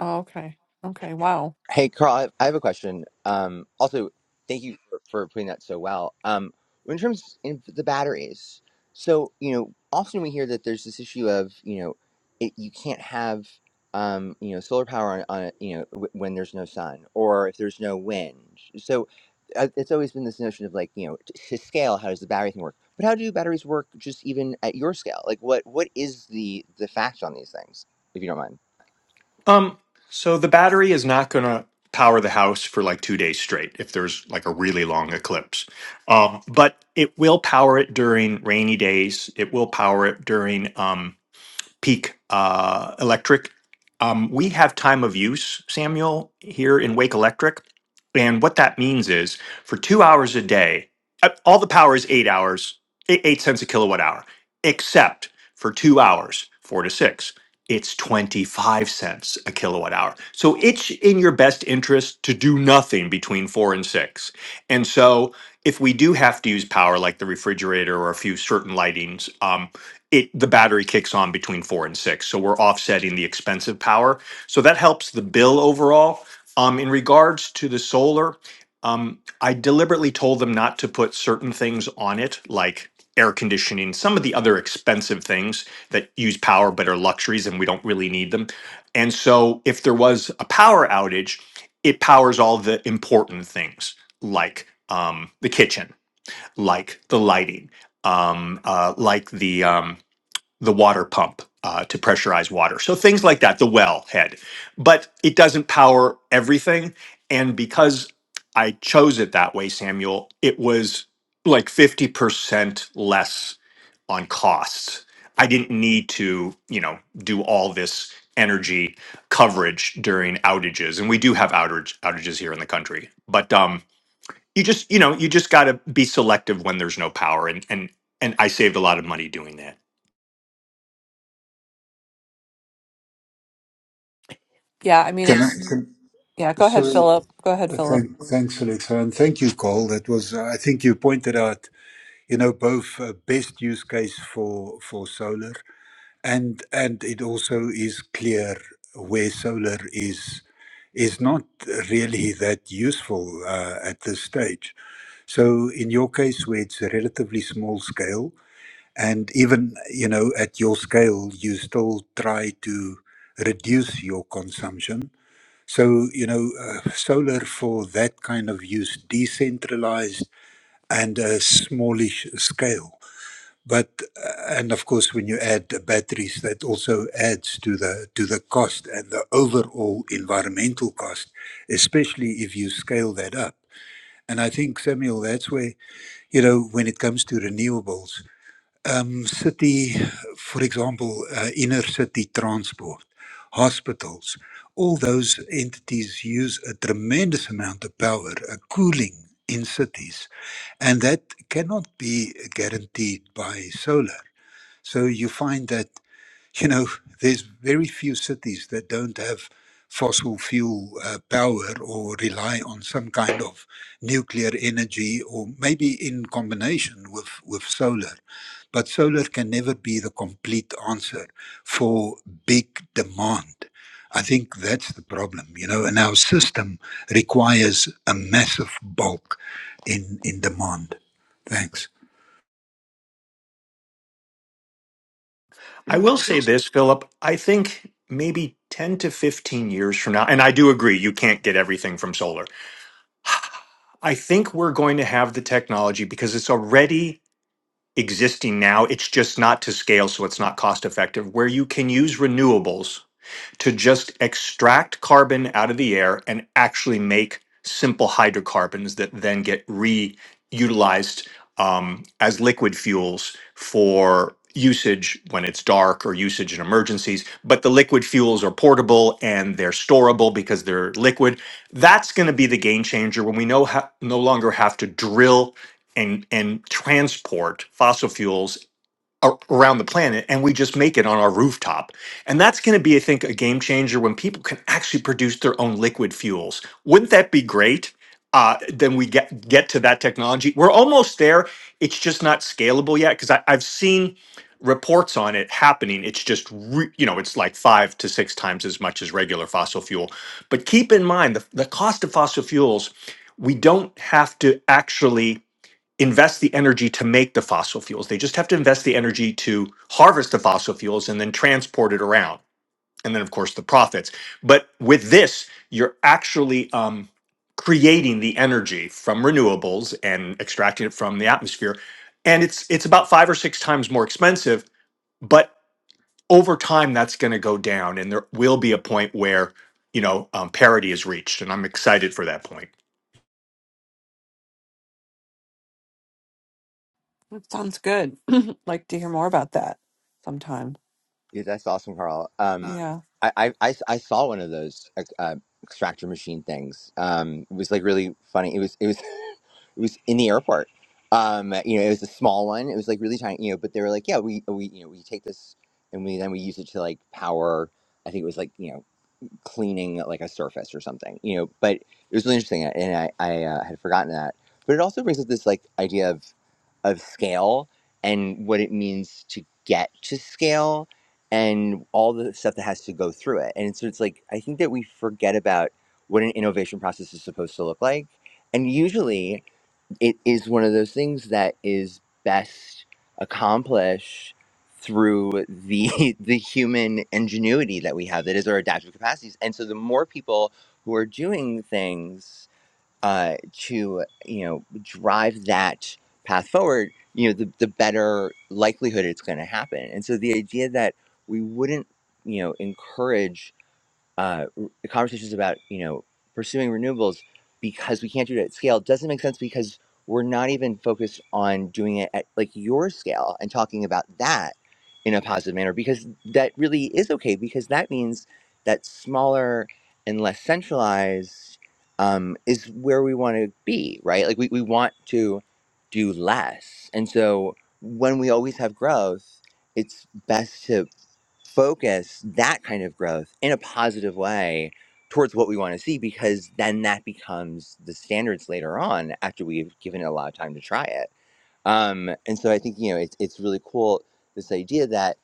S1: Oh, okay. Okay. Wow.
S5: Hey, Carl, I I have a question. Um, also, thank you for, for putting that so well. Um, in terms of the batteries, so, you know, often we hear that there's this issue of, you know, it, you can't have, um, you know, solar power on, on it, you know, w- when there's no sun or if there's no wind. So uh, it's always been this notion of like, you know, t- to scale, how does the battery thing work? But how do batteries work just even at your scale? Like what, what is the, the fact on these things, if you don't mind?
S7: Um, so the battery is not going to power the house for like two days straight if there's like a really long eclipse. Um, but it will power it during rainy days. It will power it during. um peak uh, electric. Um, we have time of use, Samuel, here in Wake Electric. And what that means is for two hours a day, uh, all the power is eight hours, eight, eight cents a kilowatt hour, except for two hours, four to six, it's 25 cents a kilowatt hour. So it's in your best interest to do nothing between four and six. And so if we do have to use power, like the refrigerator or a few certain lightings, um, it the battery kicks on between four and six. So we're offsetting the expensive power. So that helps the bill overall. Um, in regards to the solar, um, I deliberately told them not to put certain things on it, like air conditioning, some of the other expensive things that use power but are luxuries and we don't really need them. And so if there was a power outage, it powers all the important things like um, the kitchen, like the lighting, um, uh, like the um, the water pump uh, to pressurize water. So things like that, the well head. But it doesn't power everything. And because I chose it that way, Samuel, it was like 50% less on costs. I didn't need to, you know, do all this energy coverage during outages. And we do have outage outages here in the country. But um you just, you know, you just gotta be selective when there's no power. And and and I saved a lot of money doing that.
S1: Yeah. I mean,
S4: Can I?
S1: it's
S4: Can,
S1: yeah. Go ahead,
S4: sorry.
S1: Philip. Go ahead,
S4: uh,
S1: Philip.
S4: Thank, thanks, Alexa, and thank you, Cole. That was. uh, I think you pointed out. you know both uh, best use case for for solar and and it also is clear where solar is is not really that useful uh, at this stage so in your case where it's a relatively small scale and even you know at your scale you still try to reduce your consumption so you know uh, solar for that kind of use decentralized and a smallish scale but uh, and of course, when you add the batteries, that also adds to the to the cost and the overall environmental cost, especially if you scale that up. And I think Samuel, that's where you know when it comes to renewables, um, city, for example, uh, inner city transport, hospitals, all those entities use a tremendous amount of power, uh, cooling in cities, and that cannot be guaranteed by solar so you find that, you know, there's very few cities that don't have fossil fuel uh, power or rely on some kind of nuclear energy or maybe in combination with, with solar. But solar can never be the complete answer for big demand. I think that's the problem, you know, and our system requires a massive bulk in, in demand. Thanks.
S7: I will say this, Philip. I think maybe 10 to 15 years from now, and I do agree, you can't get everything from solar. I think we're going to have the technology because it's already existing now. It's just not to scale, so it's not cost effective, where you can use renewables to just extract carbon out of the air and actually make simple hydrocarbons that then get reutilized um, as liquid fuels for usage when it's dark or usage in emergencies. But the liquid fuels are portable and they're storable because they're liquid. That's going to be the game changer when we no, ha- no longer have to drill and, and transport fossil fuels ar- around the planet and we just make it on our rooftop and that's going to be i think a game changer when people can actually produce their own liquid fuels wouldn't that be great uh, then we get get to that technology we're almost there it's just not scalable yet because i've seen reports on it happening it's just re- you know it's like five to six times as much as regular fossil fuel but keep in mind the, the cost of fossil fuels we don't have to actually invest the energy to make the fossil fuels. They just have to invest the energy to harvest the fossil fuels and then transport it around. And then, of course, the profits. But with this, you're actually um, creating the energy from renewables and extracting it from the atmosphere. And it's it's about five or six times more expensive. But over time, that's going to go down, and there will be a point where you know um, parity is reached. And I'm excited for that point.
S1: That sounds good. like to hear more about that sometime.
S5: Yeah, that's awesome, Carl.
S1: Uh,
S5: Um,
S1: Yeah.
S5: I, I, I I saw one of those uh, uh, extractor machine things. Um, it was like really funny. It was it was it was in the airport. Um, you know, it was a small one. It was like really tiny. You know, but they were like, yeah, we we you know we take this and we then we use it to like power. I think it was like you know. cleaning like a surface or something, you know. But it was really interesting, and I, I uh, had forgotten that. But it also brings up this like idea of of scale and what it means to get to scale and all the stuff that has to go through it. And so it's like I think that we forget about what an innovation process is supposed to look like, and usually it is one of those things that is best accomplished through the the human ingenuity that we have that is our adaptive capacities and so the more people who are doing things uh, to you know drive that path forward you know the, the better likelihood it's going to happen and so the idea that we wouldn't you know encourage uh, conversations about you know pursuing renewables because we can't do it at scale doesn't make sense because we're not even focused on doing it at like your scale and talking about that in a positive manner because that really is okay because that means that smaller and less centralized um, is where we want to be right like we, we want to do less and so when we always have growth it's best to focus that kind of growth in a positive way towards what we want to see because then that becomes the standards later on after we've given it a lot of time to try it um, and so i think you know it's, it's really cool this idea that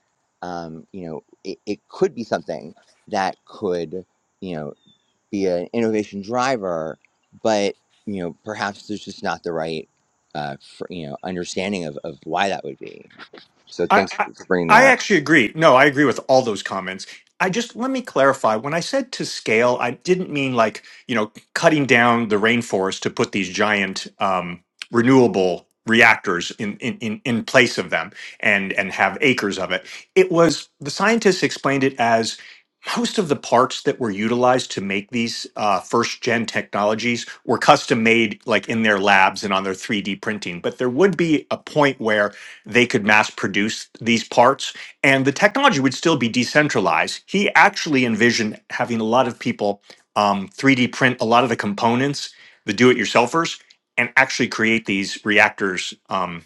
S5: um, you know it, it could be something that could you know be an innovation driver but you know perhaps there's just not the right uh, fr you know understanding of, of why that would be so
S7: I,
S5: thanks
S7: I
S5: for for bringing
S7: I
S5: that
S7: actually agree. No, I agree with all those comments. I just let me clarify. When I said to scale, I didn't mean like you know cutting down the rainforest to put these giant um, renewable reactors in, in in in place of them and and have acres of it. It was the scientists explained it as most of the parts that were utilized to make these uh, first gen technologies were custom made like in their labs and on their 3d printing but there would be a point where they could mass produce these parts and the technology would still be decentralized. He actually envisioned having a lot of people um, 3D print a lot of the components, the do it yourselfers, and actually create these reactors um,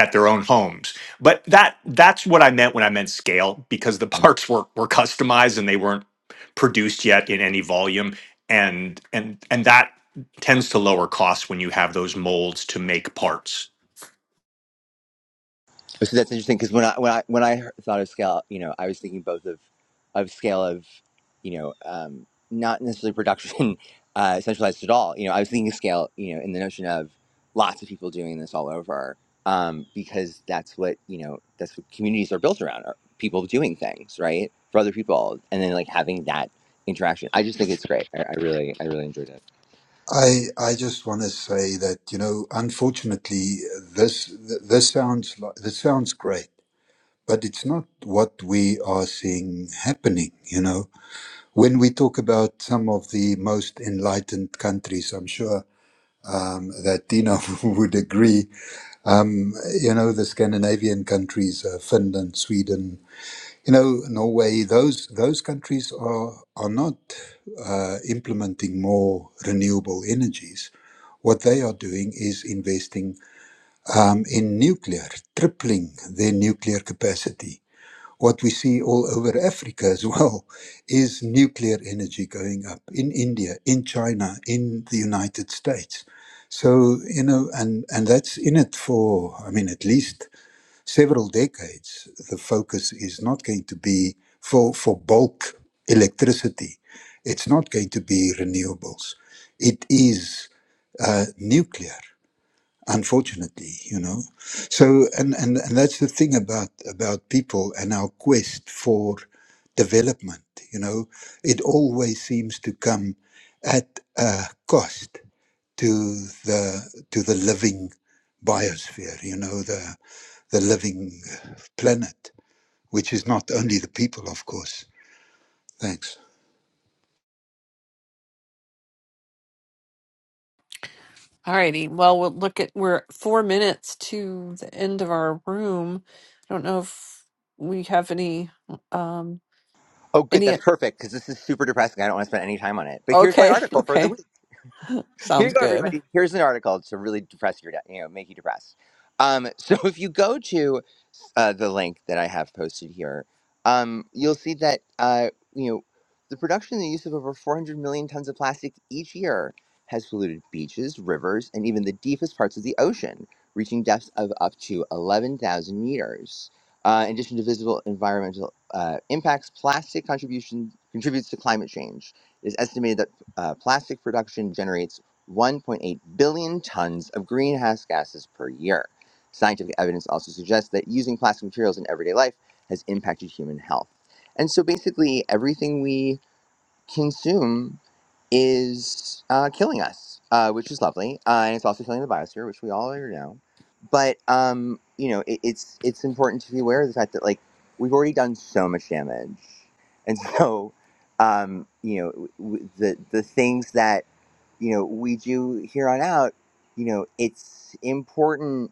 S7: at their own homes. But that that's what I meant when I meant scale because the parts were, were customized and they weren't produced yet in any volume. And, and, and that tends to lower costs when you have those molds to make parts.
S5: So that's interesting because when I when I when I thought of scale, you know, I was thinking both of of scale of, you know, um, not necessarily production uh, centralized at all. You know, I was thinking of scale, you know, in the notion of lots of people doing this all over, um, because that's what you know, that's what communities are built around, are people doing things right for other people, and then like having that interaction. I just think it's great. I, I really, I really enjoyed it.
S4: I I just want to say that you know, unfortunately, this th- this sounds like, this sounds great, but it's not what we are seeing happening. You know, when we talk about some of the most enlightened countries, I'm sure um, that Dina would agree. Um, you know, the Scandinavian countries, uh, Finland, Sweden, you know, Norway, those those countries are are not uh, implementing more renewable energies. What they are doing is investing um, in nuclear, tripling their nuclear capacity. What we see all over Africa as well is nuclear energy going up in India, in China, in the United States. So, you know, and, and that's in it for, I mean, at least several decades, the focus is not going to be for, for bulk electricity. It's not going to be renewables. It is uh, nuclear, unfortunately, you know. So, and, and, and that's the thing about, about people and our quest for development, you know, it always seems to come at a cost to the, to the living biosphere, you know, the the living planet, which is not only the people, of course. Thanks.
S1: All righty. Well, we'll look at we're four minutes to the end of our room. I don't know if we have any um
S5: Oh, good.
S1: any
S5: That's perfect because this is super depressing. I don't want to spend any time on it. But here's my
S1: okay,
S5: article for the
S1: okay.
S5: week. Here you
S1: Sounds
S5: go,
S1: good.
S5: everybody. Here's an article to really depress your, day- you know, make you depressed. Um, so if you go to uh, the link that I have posted here, um, you'll see that uh, you know the production and use of over 400 million tons of plastic each year has polluted beaches, rivers, and even the deepest parts of the ocean, reaching depths of up to 11,000 meters. Uh, in addition to visible environmental uh, impacts, plastic contribution contributes to climate change. It is estimated that uh, plastic production generates 1.8 billion tons of greenhouse gases per year. Scientific evidence also suggests that using plastic materials in everyday life has impacted human health. And so basically, everything we consume is uh, killing us, uh, which is lovely, uh, and it's also killing the biosphere, which we all already know. But um, you know, it, it's it's important to be aware of the fact that like we've already done so much damage, and so um, you know w- w- the the things that you know, we do here on out, you know, it's important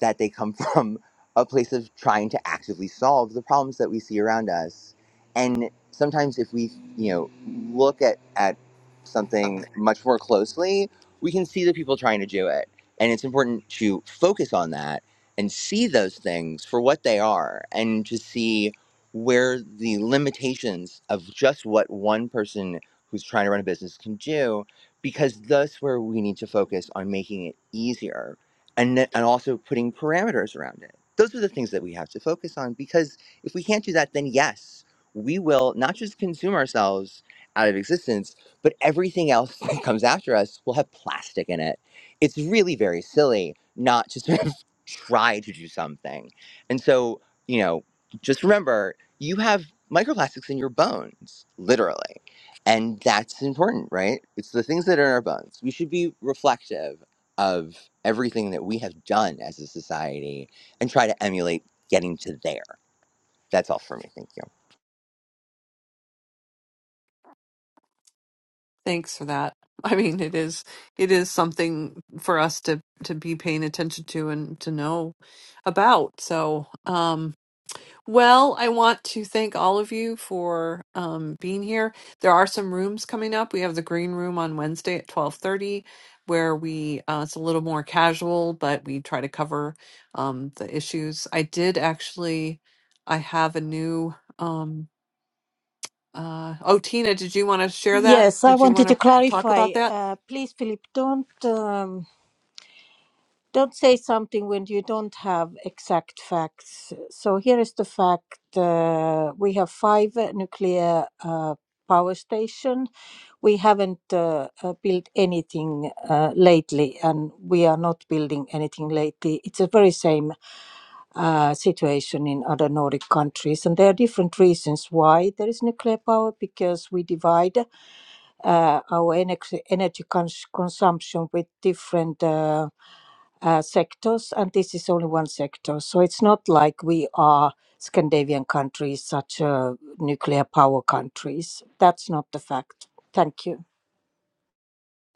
S5: that they come from a place of trying to actively solve the problems that we see around us. And sometimes if we, you know, look at, at something much more closely, we can see the people trying to do it. And it's important to focus on that and see those things for what they are and to see where the limitations of just what one person who's trying to run a business can do because that's where we need to focus on making it easier and, th- and also putting parameters around it. Those are the things that we have to focus on because if we can't do that, then yes, we will not just consume ourselves out of existence, but everything else that comes after us will have plastic in it. It's really very silly not to sort of try to do something. And so, you know, just remember you have microplastics in your bones, literally. And that's important, right? It's the things that are in our bones. We should be reflective of everything that we have done as a society and try to emulate getting to there. That's all for me. Thank you.
S1: Thanks for that. I mean, it is it is something for us to to be paying attention to and to know about. So, um, Well, I want to thank all of you for um, being here. There are some rooms coming up. We have the green room on Wednesday at twelve thirty, where we uh, it's a little more casual, but we try to cover um, the issues. I did actually, I have a new. Um, uh, oh, Tina, did you want to share that?
S8: Yes, I
S1: Did you
S8: wanted to
S1: want to talk
S8: clarify.
S1: about that?
S8: Uh, please, Philip, don't um, don't say something when you don't have exact facts. So here is the fact: uh, we have five uh, nuclear uh, power station. We haven't uh, uh, built anything uh, lately, and we are not building anything lately. It's the very same uh, situation in other Nordic countries, and there are different reasons why there is nuclear power because we divide uh, our energy, energy cons- consumption with different uh, uh, sectors, and this is only one sector. So it's not like we are Scandinavian countries, such uh, nuclear power countries. That's not the fact. Thank you.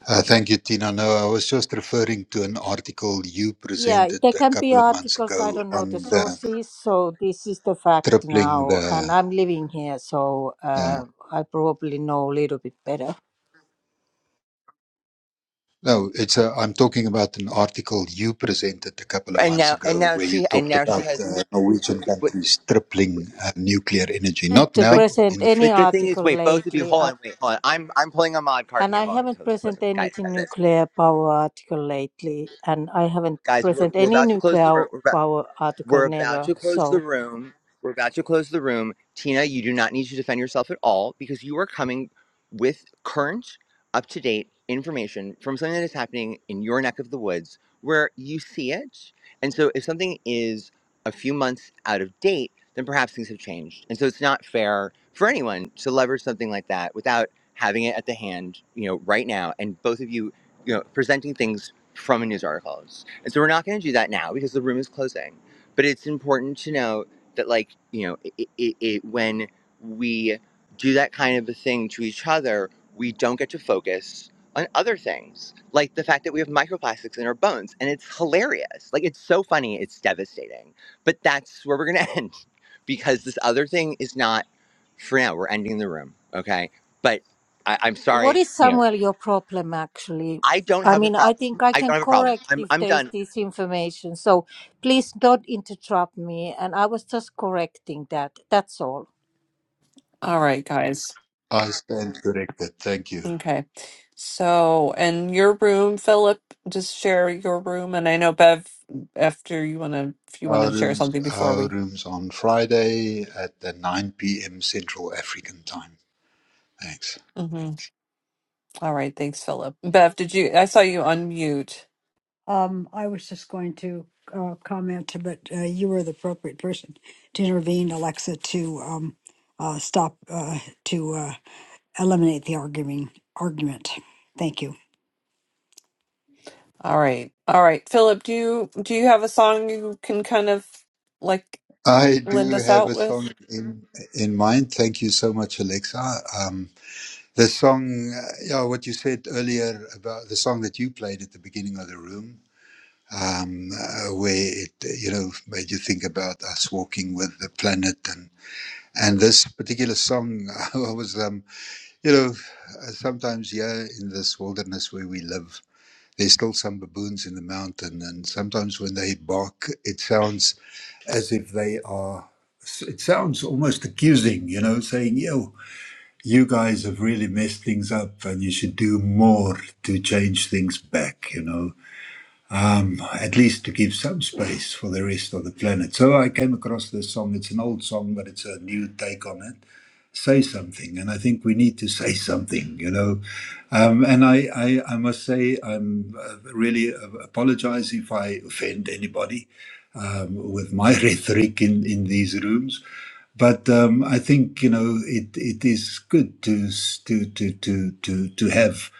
S4: Uh, thank you, Tina. No, I was just referring to an article you
S8: Yeah,
S4: presented
S8: there
S4: a
S8: can be
S4: couple of months
S8: articles. I
S4: ago
S8: don't know the
S4: on the
S8: sources. So this is the fact
S4: tripling
S8: now,
S4: the.
S8: and I'm living here, so
S4: Uh,
S8: uh, I probably know a little bit better.
S4: no, it's a, I'm talking about an article you presented a couple of
S5: And
S4: months
S5: now, and
S4: ago
S5: now
S4: where you
S5: she, and
S4: talked
S5: now she
S4: about
S5: has,
S4: uh, Norwegian
S5: but,
S4: countries tripling uh, nuclear energy.
S8: And
S4: Not
S8: to
S5: but,
S4: now,
S8: present
S4: in the
S8: any
S5: but the
S4: future.
S5: thing is,
S8: article
S5: wait, both of you,
S8: lately.
S5: hold
S8: I.
S5: on, wait, hold on. I'm, I'm pulling a mod card
S8: And
S5: here.
S8: I
S5: Hold on. So
S8: haven't
S5: listen,
S8: present
S5: listen, guys,
S8: anything
S5: guys, guys,
S8: nuclear power article lately, and I haven't
S5: guys we're,
S8: present
S5: we're
S8: any
S5: about to close the
S8: nuclear
S5: room. We're about,
S8: power article
S5: We're about
S8: never.
S5: to close the
S8: So,
S5: room. We're about to close the room. Tina, you do not need to defend yourself at all because you are coming with current, up to date information from something that is happening in your neck of the woods where you see it. And so if something is a few months out of date, then perhaps things have changed. And so it's not fair for anyone to leverage something like that without having it at the hand, you know, right now. And both of you, you know, presenting things from a news articles. And so we're not going to do that now because the room is closing but it's important to note that like you know it, it, it when we do that kind of a thing to each other we don't get to focus on other things like the fact that we have microplastics in our bones and it's hilarious like it's so funny it's devastating but that's where we're going to end because this other thing is not for now we're ending the room okay but I, i'm
S8: So what
S5: sorry
S8: is
S5: you know
S8: Samuel your problem actually?
S5: i don't
S8: I
S5: have a
S8: mean, I
S5: problem
S8: think I
S5: i don't
S8: can
S5: have a problem
S8: correct
S5: i'm,
S8: if
S5: I'm
S8: there is
S5: done
S8: this information. So please don't interrupt me. And I was just correcting that. That's all.
S1: All right, guys.
S4: I stand corrected. Thank you.
S1: Okay. So, and your room, Philip, just share your room. And I know Bev, after you want to, if you want
S4: Our
S1: to share
S4: rooms,
S1: something before
S4: our
S1: we.
S4: rooms on Friday at the 9 p.m. Central African time. Thanks.
S1: Mhm. All right. Thanks, Philip. Bev, did you, I saw you unmute.
S2: Um, I was just going to uh, comment, but uh, you were the appropriate person to intervene, Alexa, to um, uh, stop, uh, to uh, eliminate the arguing argument. Thank you.
S1: All right. All right. Philip, do you, do you have a song you can kind of like
S4: I
S1: lend
S4: do
S1: us
S4: have
S1: out
S4: a song
S1: with?
S4: in in mind. Thank you so much, Alexa. Um, the song, uh, yeah, what you said earlier about the song that you played at the beginning of the room, um, uh, where it uh, you know made you think about us walking with the planet and and this particular song I was um, you know uh, sometimes yeah in this wilderness where we live There's still some baboons in the mountain, and sometimes when they bark, it sounds as if they are. It sounds almost accusing, you know, saying, "Yo, you guys have really messed things up, and you should do more to change things back." You know, um, at least to give some space for the rest of the planet. So I came across this song. It's an old song, but it's a new take on it say something, and I think we need to say something, you know. Um, and I, I, I must say, I'm uh, really uh, apologize if I offend anybody um, with my rhetoric in, in these rooms. But um, I think you know it, it is good to s- to to to to, to have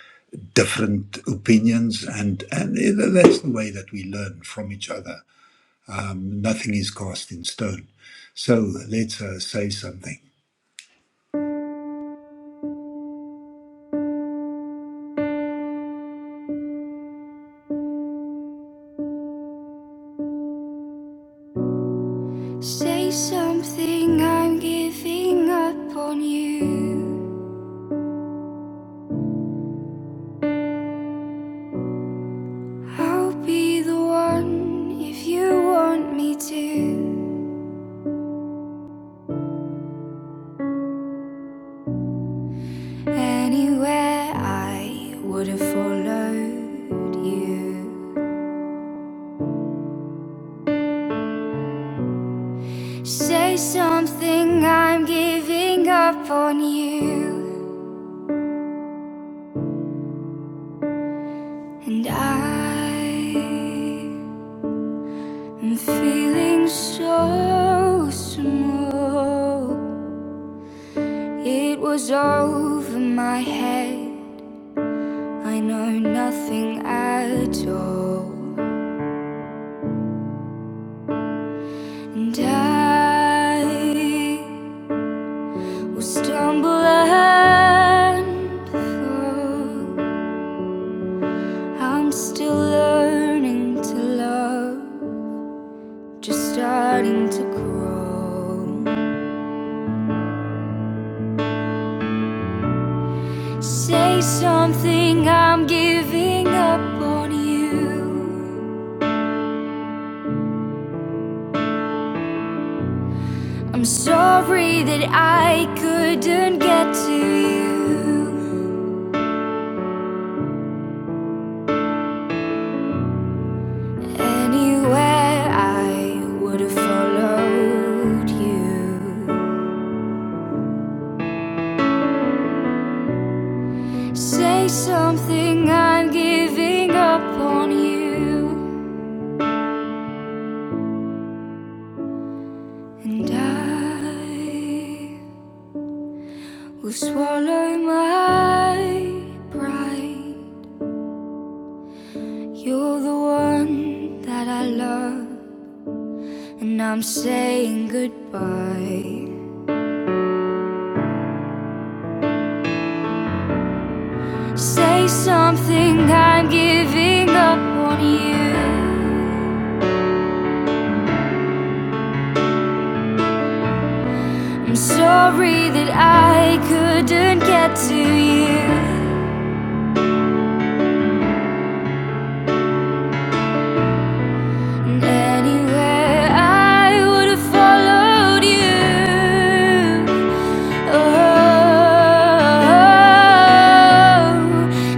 S4: different opinions and and you that's the way that we learn from each other. Um, nothing is cast in stone, so let's uh, say something.
S6: Say something, I'm giving up on you. I'll be the one if you want me to. Anywhere I would have followed you. Say something, I'm giving up on you. And I am feeling so small. It was over my head. I know nothing at all. And I will stumble and fall. I'm still learning to love. Just starting to grow. Say something, I'm giving up on you. I'm sorry that I couldn't get to you. Anywhere I would have followed you. Say something, I'm giving up on you. And I will swallow my pride. You're the one that I love, and I'm saying goodbye. Say something, I'm giving up on you. I'm sorry that I couldn't get to you. And anywhere I would have followed you.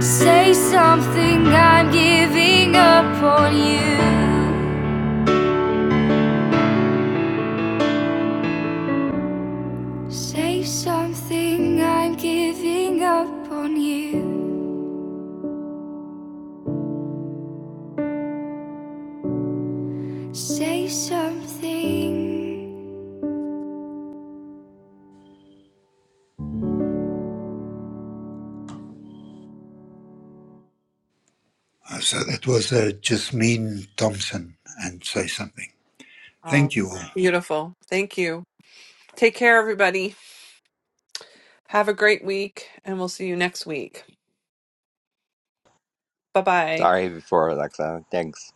S6: Oh, say something, I'm giving up on you. Say something, I'm giving up on you. Say something.
S4: Uh, so that was uh, Jasmine Thompson and Say Something. Thank you
S1: Awesome.
S4: all.
S1: Beautiful. Thank you. Take care, everybody. Have a great week, and we'll see you next week. Bye bye.
S5: sorry before alexa thanks